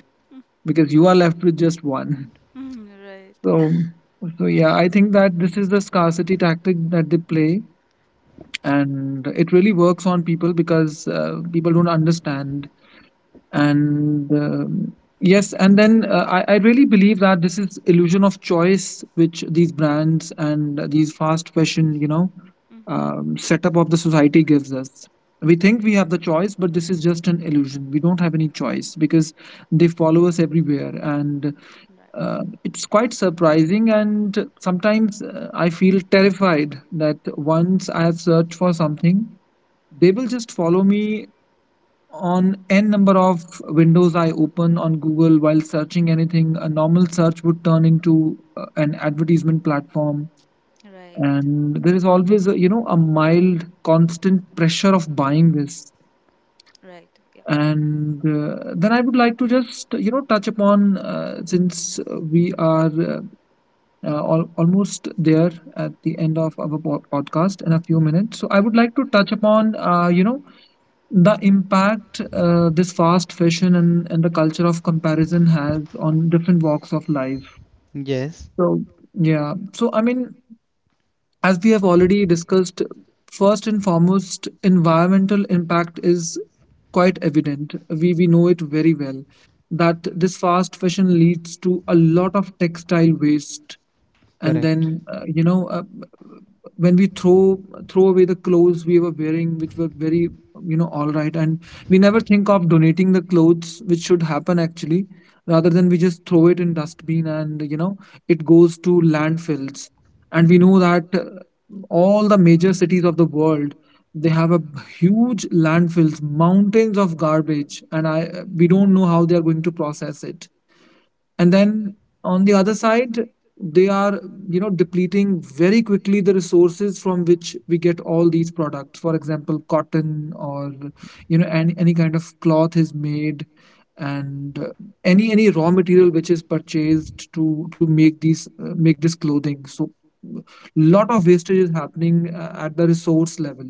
Speaker 1: because you are left with just one."
Speaker 3: Mm-hmm. Right.
Speaker 1: So, so yeah, I think that this is the scarcity tactic that they play, and it really works on people, because people don't understand. And yes, and then I really believe that this is illusion of choice which these brands and these fast fashion, you know,
Speaker 3: Mm-hmm.
Speaker 1: setup of the society gives us. We think we have the choice, but this is just an illusion. We don't have any choice, because they follow us everywhere. And
Speaker 3: Right.
Speaker 1: it's quite surprising, and sometimes I feel terrified that once I have searched for something, they will just follow me on n number of windows I open on Google. While searching anything, a normal search would turn into an advertisement platform.
Speaker 3: Right.
Speaker 1: And there is
Speaker 3: Mhm.
Speaker 1: always, a, you know, a mild, constant pressure of buying this.
Speaker 3: Right. Yeah.
Speaker 1: And then I would like to just, you know, touch upon since we are almost there at the end of our podcast in a few minutes. So I would like to touch upon, the impact this fast fashion and the culture of comparison has on different walks of life.
Speaker 2: Yes.
Speaker 1: So yeah so i mean as we have already discussed, first and foremost, environmental impact is quite evident. We know it very well that this fast fashion leads to a lot of textile waste. And
Speaker 2: Correct.
Speaker 1: then you know when we throw away the clothes we were wearing, which were, very all right, and we never think of donating the clothes, which should happen actually, rather than we just throw it in dustbin, and it goes to landfills. And we know that all the major cities of the world, they have a huge landfills, mountains of garbage, and I we don't know how they are going to process it. And then on the other side, they are, depleting very quickly the resources from which we get all these products, for example cotton, or any kind of cloth is made. And any raw material which is purchased to make these make this clothing. So lot of wastage is happening at the resource level.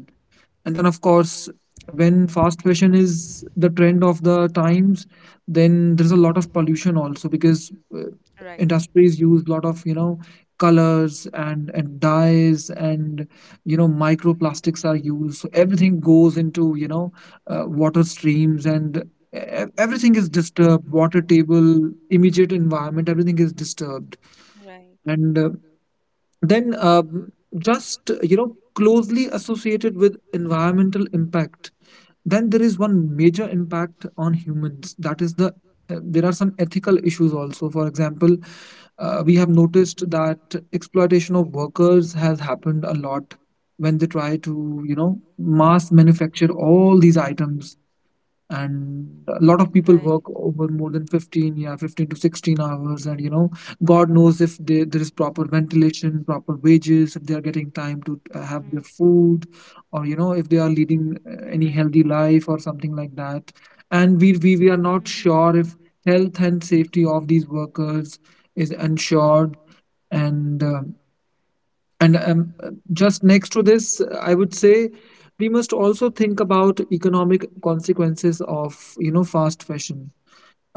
Speaker 1: And then, of course, when fast fashion is the trend of the times, then there's a lot of pollution also because
Speaker 3: Right.
Speaker 1: industries use a lot of, colors and dyes, and microplastics are used, so everything goes into, water streams, and everything is disturbed, water table, immediate environment, everything is disturbed.
Speaker 3: Right.
Speaker 1: And then just you know closely associated with environmental impact, then there is one major impact on humans, that is the, there are some ethical issues also. For example, we have noticed that exploitation of workers has happened a lot when they try to, mass manufacture all these items. And a lot of people
Speaker 3: Right.
Speaker 1: work over more than 15, yeah, 15 to 16 hours, and god knows if there is proper ventilation, proper wages, if they are getting time to
Speaker 3: Mhm.
Speaker 1: have their food, or if they are leading any
Speaker 3: Right.
Speaker 1: healthy life or something like that. And we are not
Speaker 3: Mhm.
Speaker 1: sure if health and safety of these workers is ensured. And uh, and Just next to this, I would say we must also think about economic consequences of, fast fashion.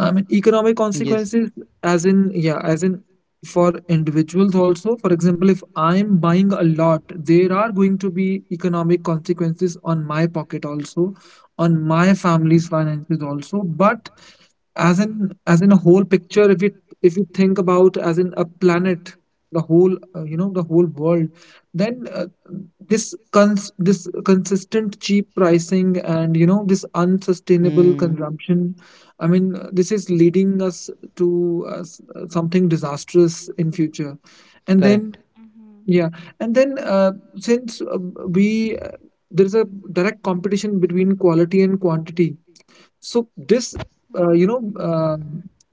Speaker 1: I mean, economic
Speaker 2: Yes.
Speaker 1: consequences, as in, yeah, as in for individuals also. For example, if I'm buying a lot, there are going to be economic consequences on my pocket also, on my family's finances also. But as in, a whole picture, if you, if you think about as in a planet, the whole, the whole world, then this this consistent cheap pricing and, this unsustainable
Speaker 2: Hmm.
Speaker 1: consumption, this is leading us to something disastrous in future. And then
Speaker 2: Correct.
Speaker 3: Mhm.
Speaker 1: yeah, and then since we there is a direct competition between quality and quantity. So this,
Speaker 3: Mhm.
Speaker 1: you know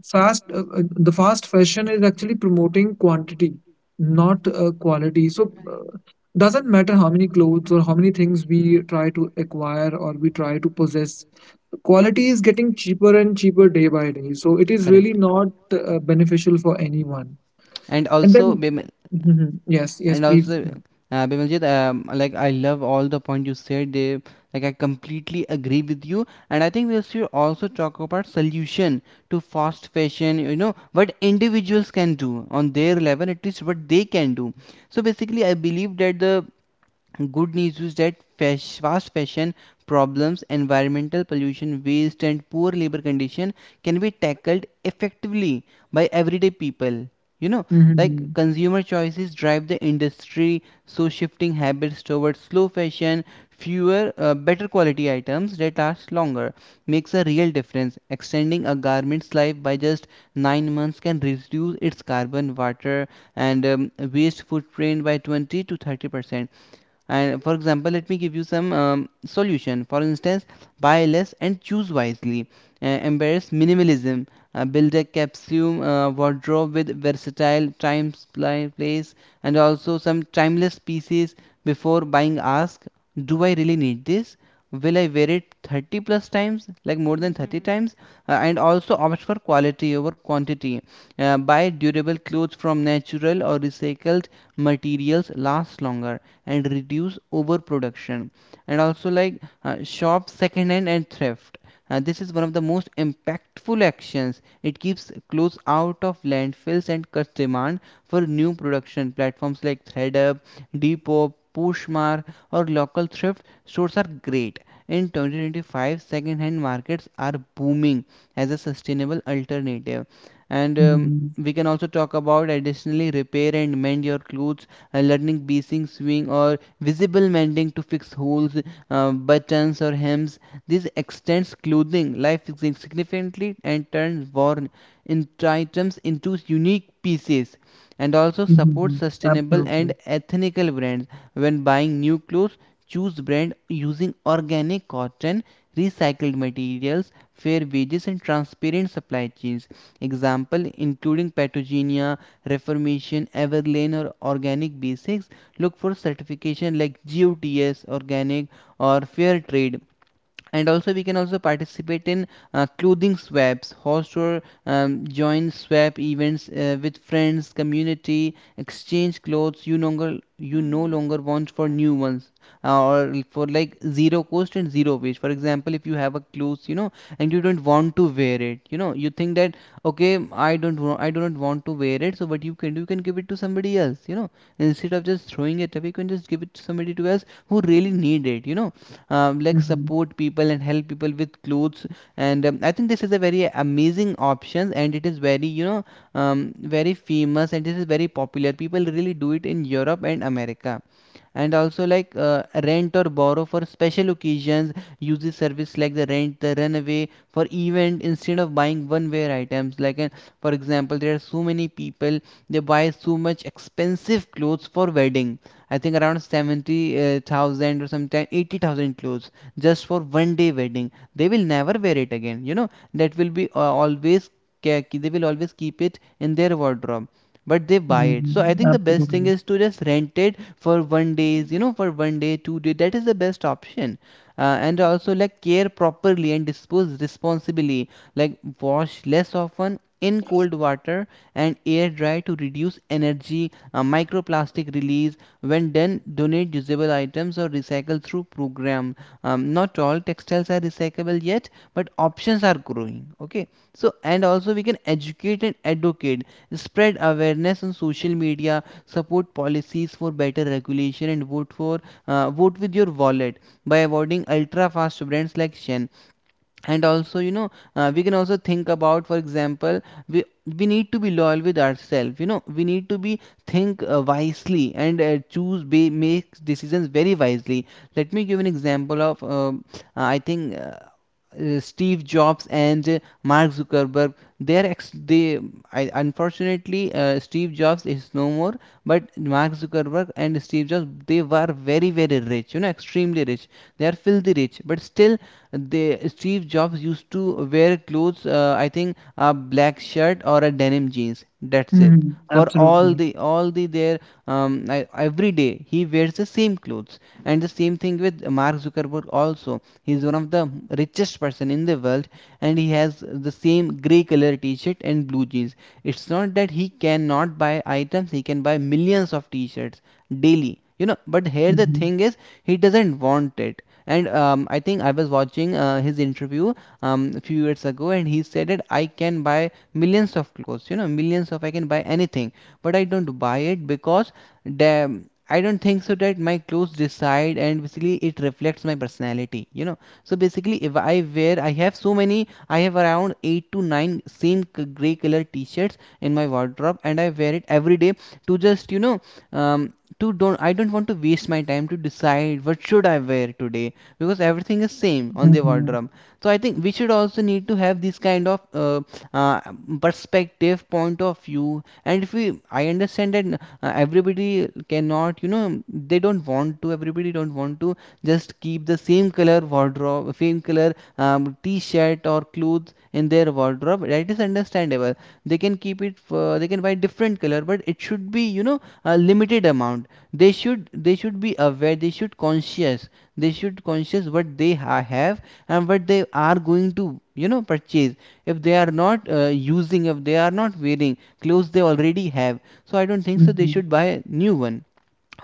Speaker 1: fast the fast fashion is actually promoting quantity, not quality. So
Speaker 3: Right.
Speaker 1: doesn't matter how many clothes or how many things we try to acquire or we try to possess, quality is getting cheaper and cheaper day by day, so it is really
Speaker 2: Correct.
Speaker 1: not beneficial for anyone.
Speaker 2: and
Speaker 1: And
Speaker 2: also
Speaker 1: then,
Speaker 3: Mhm.
Speaker 2: bem-
Speaker 1: mhm, yes, yes,
Speaker 2: and
Speaker 1: please.
Speaker 2: also, Bimaljit, like, I love all the point you said there. Like, I completely agree with you, and I think we should also talk about solution to fast fashion. You know what individuals can do on their level, at least what they can do. So basically, I believe that the good news is that fast fashion problems, environmental pollution, waste, and poor labor condition can be tackled effectively by everyday people. You know,
Speaker 1: Hmm.
Speaker 2: like consumer choices drive the industry, so shifting habits towards slow fashion, fewer, better quality items that last longer makes a real difference. Extending a garment's life by just 9 months can reduce its carbon, water, and waste footprint by 20 to 30%. And for example, let me give you some solution. For instance, buy less and choose wisely. Embrace minimalism. Build a capsule wardrobe with versatile time, supply, place, and also some timeless pieces. Before buying, ask, do I really need this? Will I wear it 30 plus times, like more than
Speaker 3: Mhm.
Speaker 2: 30 times? And also opt for quality over quantity. Buy durable clothes from natural or recycled materials last longer and reduce overproduction. And also, like, shop second hand and thrift. This is one of the most impactful actions. It keeps clothes out of landfills and cuts demand for new production. Platforms like ThreadUp, Depop, Poshmark, or local thrift stores are great. In 2025, second-hand markets are booming as a sustainable alternative. And
Speaker 1: Hmm.
Speaker 2: we can also talk about additionally repair and mend your clothes, learning basing sewing or visible mending to fix holes, buttons or hems. This extends clothing life significantly and turns worn in items into unique pieces. And also support
Speaker 1: Hmm.
Speaker 2: sustainable and
Speaker 1: Absolutely.
Speaker 2: ethical brands when buying new clothes. Choose brand using organic cotton, recycled materials, fair wages, and transparent supply chains. Example including Patagonia, Reformation, Everlane, or Organic Basics. Look for certification like GOTS organic or fair trade. And also we can also participate in clothing swaps, host or join swap events with friends community, exchange clothes you no
Speaker 3: Mhm.
Speaker 2: longer want
Speaker 3: Right.
Speaker 2: for new ones. Or for, like, zero cost and zero waste. For example, if you have a clothes, you know, and you don't want to wear it, you know, you think that, okay, I don't wa- I do not want to wear it. So what you can do, you can give it to somebody else, you know, instead of just throwing it away. You can just give it to somebody to else who really
Speaker 3: Mhm.
Speaker 2: need it, you know. Like
Speaker 1: Hmm.
Speaker 2: support people and help people with clothes. And I think this is a very amazing option, and it is very, you know, very famous, and this is very popular. People really do it in Europe and America. And also, like, rent or borrow for special occasions. Use the service like the rent the runaway for event instead of buying one wear items, like, for example, there are so many people, they buy so much expensive clothes for wedding. I think around 70,000 or sometime 80,000 clothes just for one day wedding. They will never wear it again. You know, that will be, always, they will always keep it in their wardrobe, but they buy it.
Speaker 1: Hmm.
Speaker 2: So I think the best thing
Speaker 1: Absolutely.
Speaker 2: is to just rent it for one days, you
Speaker 3: Mhm.
Speaker 2: know, for one day 2 day. That is the best option. And
Speaker 3: Right.
Speaker 2: also, like, care properly and dispose responsibly. Like wash less often in cold water and air dry to reduce energy, microplastic release. When done, donate usable items or recycle through program. Not all textiles are recyclable yet, but options are growing. Okay, so and also we can educate and advocate, spread awareness on social media, support policies for better regulation, and vote for, vote with your wallet by avoiding ultra fast brands like Shen. And also, you know, we can also think about, for example, we we need to be loyal with ourselves. You know, we need to be think wisely and choose make decisions very wisely. Let me give an example of I think Steve Jobs and Mark Zuckerberg. They, I, unfortunately, Steve Jobs is no more, but Mark Zuckerberg and Steve Jobs, they were very very rich, you know, extremely rich. They are filthy rich, but still they Steve Jobs used to wear clothes, I think a black shirt or a denim jeans. That's it.
Speaker 1: Hmm.
Speaker 2: For all
Speaker 1: Absolutely.
Speaker 2: the all the their I, every day he wears the same clothes. And the same thing with Mark Zuckerberg also. He's one of the richest person in the world, and he has the same gray color t-shirt and blue jeans. It's not that he cannot buy items. He can buy millions of t-shirts daily. You know, but here the
Speaker 1: Mhm.
Speaker 2: thing is he doesn't want it. And I think I was watching his interview a few years ago, and he said that I can buy millions of clothes, you know, millions of I can buy anything, but I don't buy it because damn. I don't think so that my clothes decide and basically it reflects my personality, you know. So basically, if I wear, I have so many, I have around eight to nine same gray color t-shirts in my wardrobe, and I wear it every day to just, you know, um, to don't I don't want to waste my time to decide what should I wear today because everything is same on the
Speaker 1: Mhm.
Speaker 2: wardrobe. So I think we should also need to have this kind of uh, perspective point of view. And if we, I understand that everybody cannot, you know, they don't want to, everybody don't want to just keep the same color wardrobe, same color, t-shirt or clothes in their wardrobe. That is understandable. They can keep it for, they can buy different color, but it should be, you know, a limited amount. They should be aware, they should conscious, they should conscious what they have, what they are going to, you know, purchase. If they are not, using, if they are not wearing clothes they already have, so I don't think so they
Speaker 1: Mhm.
Speaker 2: should buy new one.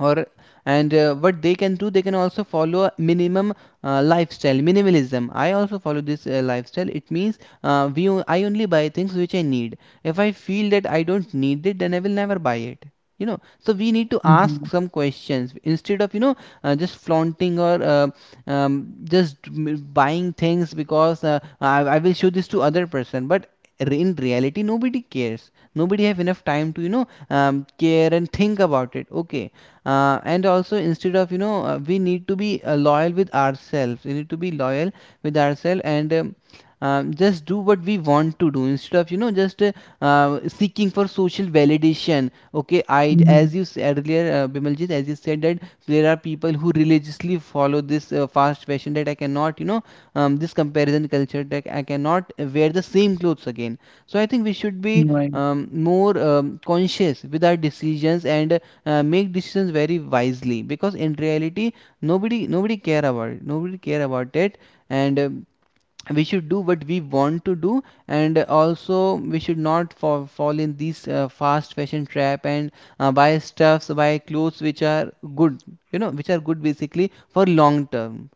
Speaker 2: Or, and what they can do, they can also follow a minimum lifestyle, minimalism. I also follow this lifestyle. It means I only buy things which I need. If I feel that I don't need it, then I will never buy it. You know, so we need to ask
Speaker 1: Mhm.
Speaker 2: some questions instead of, you know, just flaunting or buying things because, I will show this to other person. But, in reality, nobody cares. Nobody have enough time to, you know, care and think about it, okay. And also instead of, you know, we need to be, loyal with ourselves, we need to be loyal with ourselves. And just do what we want to do instead of, you know, just, seeking for social validation. Okay, I,
Speaker 1: Mhm.
Speaker 2: as you said earlier, Bimaljit, as you said that there are people who religiously follow this, fast fashion, that I cannot, you know, this comparison culture, that I cannot wear the same clothes again. So I think we should be,
Speaker 1: Right.
Speaker 2: more conscious with our decisions and make decisions very wisely. Because in reality, nobody care about it. Nobody care about it. And we should do what we want to do, and also we should not fall in these, fast fashion trap, and buy stuffs, buy clothes which are good. You know, which are good basically for long term.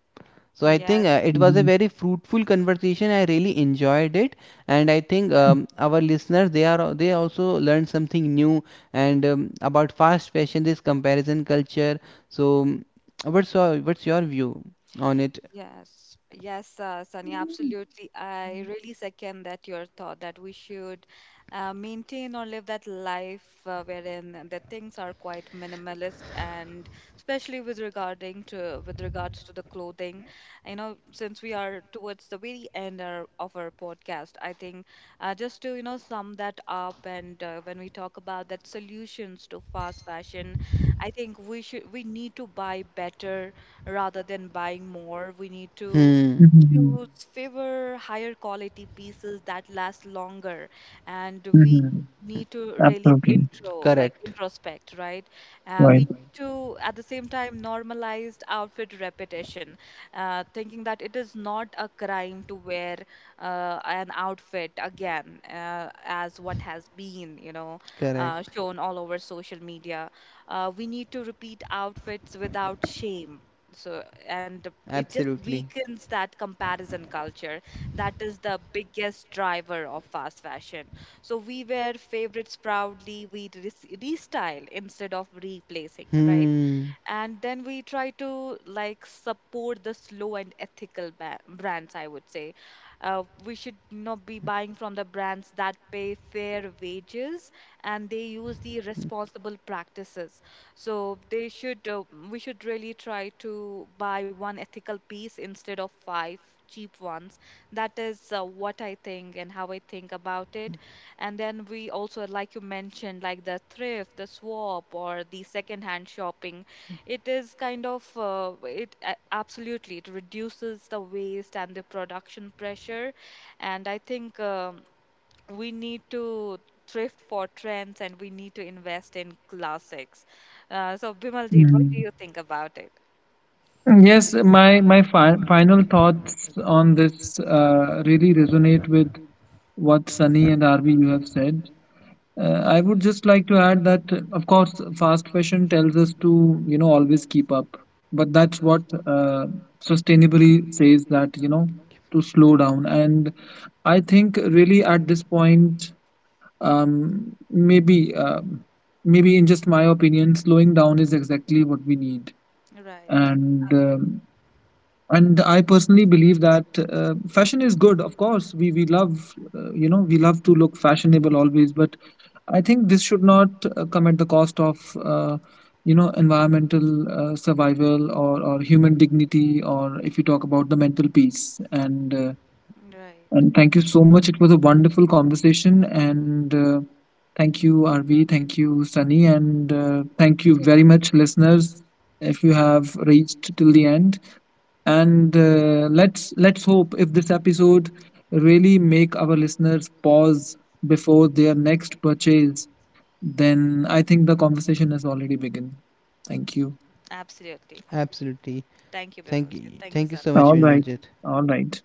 Speaker 2: So I
Speaker 3: Yes.
Speaker 2: think, it was a
Speaker 1: Mhm.
Speaker 2: very fruitful conversation. I really enjoyed it, and I think,
Speaker 3: Yes.
Speaker 2: our listeners, they are, they also learned something new. And about fast fashion, this comparison culture. So, what's your view on it?
Speaker 3: Yes, yes, Sunny, absolutely. I really second that your thought that we should maintain or live that life wherein the things are quite minimalist, and especially with regards to the clothing. You know, since we are towards the very end our, of our podcast, I think just to you know sum that up, and when we talk about that solutions to fast fashion, I think we should, we need to buy better rather than buying more. We need to
Speaker 2: Hmm.
Speaker 3: choose
Speaker 1: Hmm.
Speaker 3: fewer, higher quality pieces that last longer. And we
Speaker 1: Mm-hmm.
Speaker 3: need to really
Speaker 1: Absolutely.
Speaker 3: intro, like
Speaker 2: Correct.
Speaker 3: introspect, right? We need
Speaker 1: Right.
Speaker 3: to, at the same time, normalize outfit repetition, thinking that it is not a crime to wear an outfit again, as what has been, you know,
Speaker 2: Correct.
Speaker 3: shown all over social media. We need to repeat outfits without shame. So and it just
Speaker 2: Absolutely.
Speaker 3: weakens that comparison culture that is the biggest driver of fast fashion. So we wear favorites proudly, we restyle instead of replacing, right?
Speaker 2: Hmm.
Speaker 3: And then we try to like support the slow and ethical brands, I would say. We should not be buying from the brands that pay fair wages and they use the responsible practices. So they should we should really try to buy one ethical piece instead of five cheap ones. That is what I think and how I think about it. And then we also, like you mentioned, like the thrift, the swap, or the second hand shopping, it is kind of absolutely, it reduces the waste and the production pressure. And I think we need to thrift for trends, and we need to invest in classics. So Bimaljit, what do you
Speaker 1: Mhm.
Speaker 3: think about it?
Speaker 1: Yes, my fi final thoughts on this really resonate with what Sunny and Arvi you have said. I would just like to add that, of course, fast fashion tells us to, you know, always keep up, but that's what sustainably says that, you know, to slow down. And I think really at this point, um, maybe um, maybe, in just my opinion, slowing down is exactly what we need.
Speaker 3: Right.
Speaker 1: And
Speaker 3: Absolutely.
Speaker 1: um, and I personally believe that fashion is good. Of course, we love, we love to look fashionable always, but I think this should not come at the cost of. You know, environmental survival, or human dignity, or if you talk about the mental peace.
Speaker 3: Right.
Speaker 1: And thank you so much. It was a wonderful conversation. And Thank you, RV. Thank you, Sunny. And Thank you
Speaker 3: Absolutely.
Speaker 1: very much, listeners, if you have reached till the end. And let's hope if this episode really make our listeners pause before their next purchase, then I think the conversation has already begun. Thank you.
Speaker 3: Absolutely.
Speaker 2: Absolutely.
Speaker 3: Thank you, Bimaljit.
Speaker 2: Thank you.
Speaker 3: Thank you
Speaker 2: Thank you
Speaker 3: so
Speaker 2: so much,
Speaker 1: All right.
Speaker 2: Vinvaljit.
Speaker 1: All right.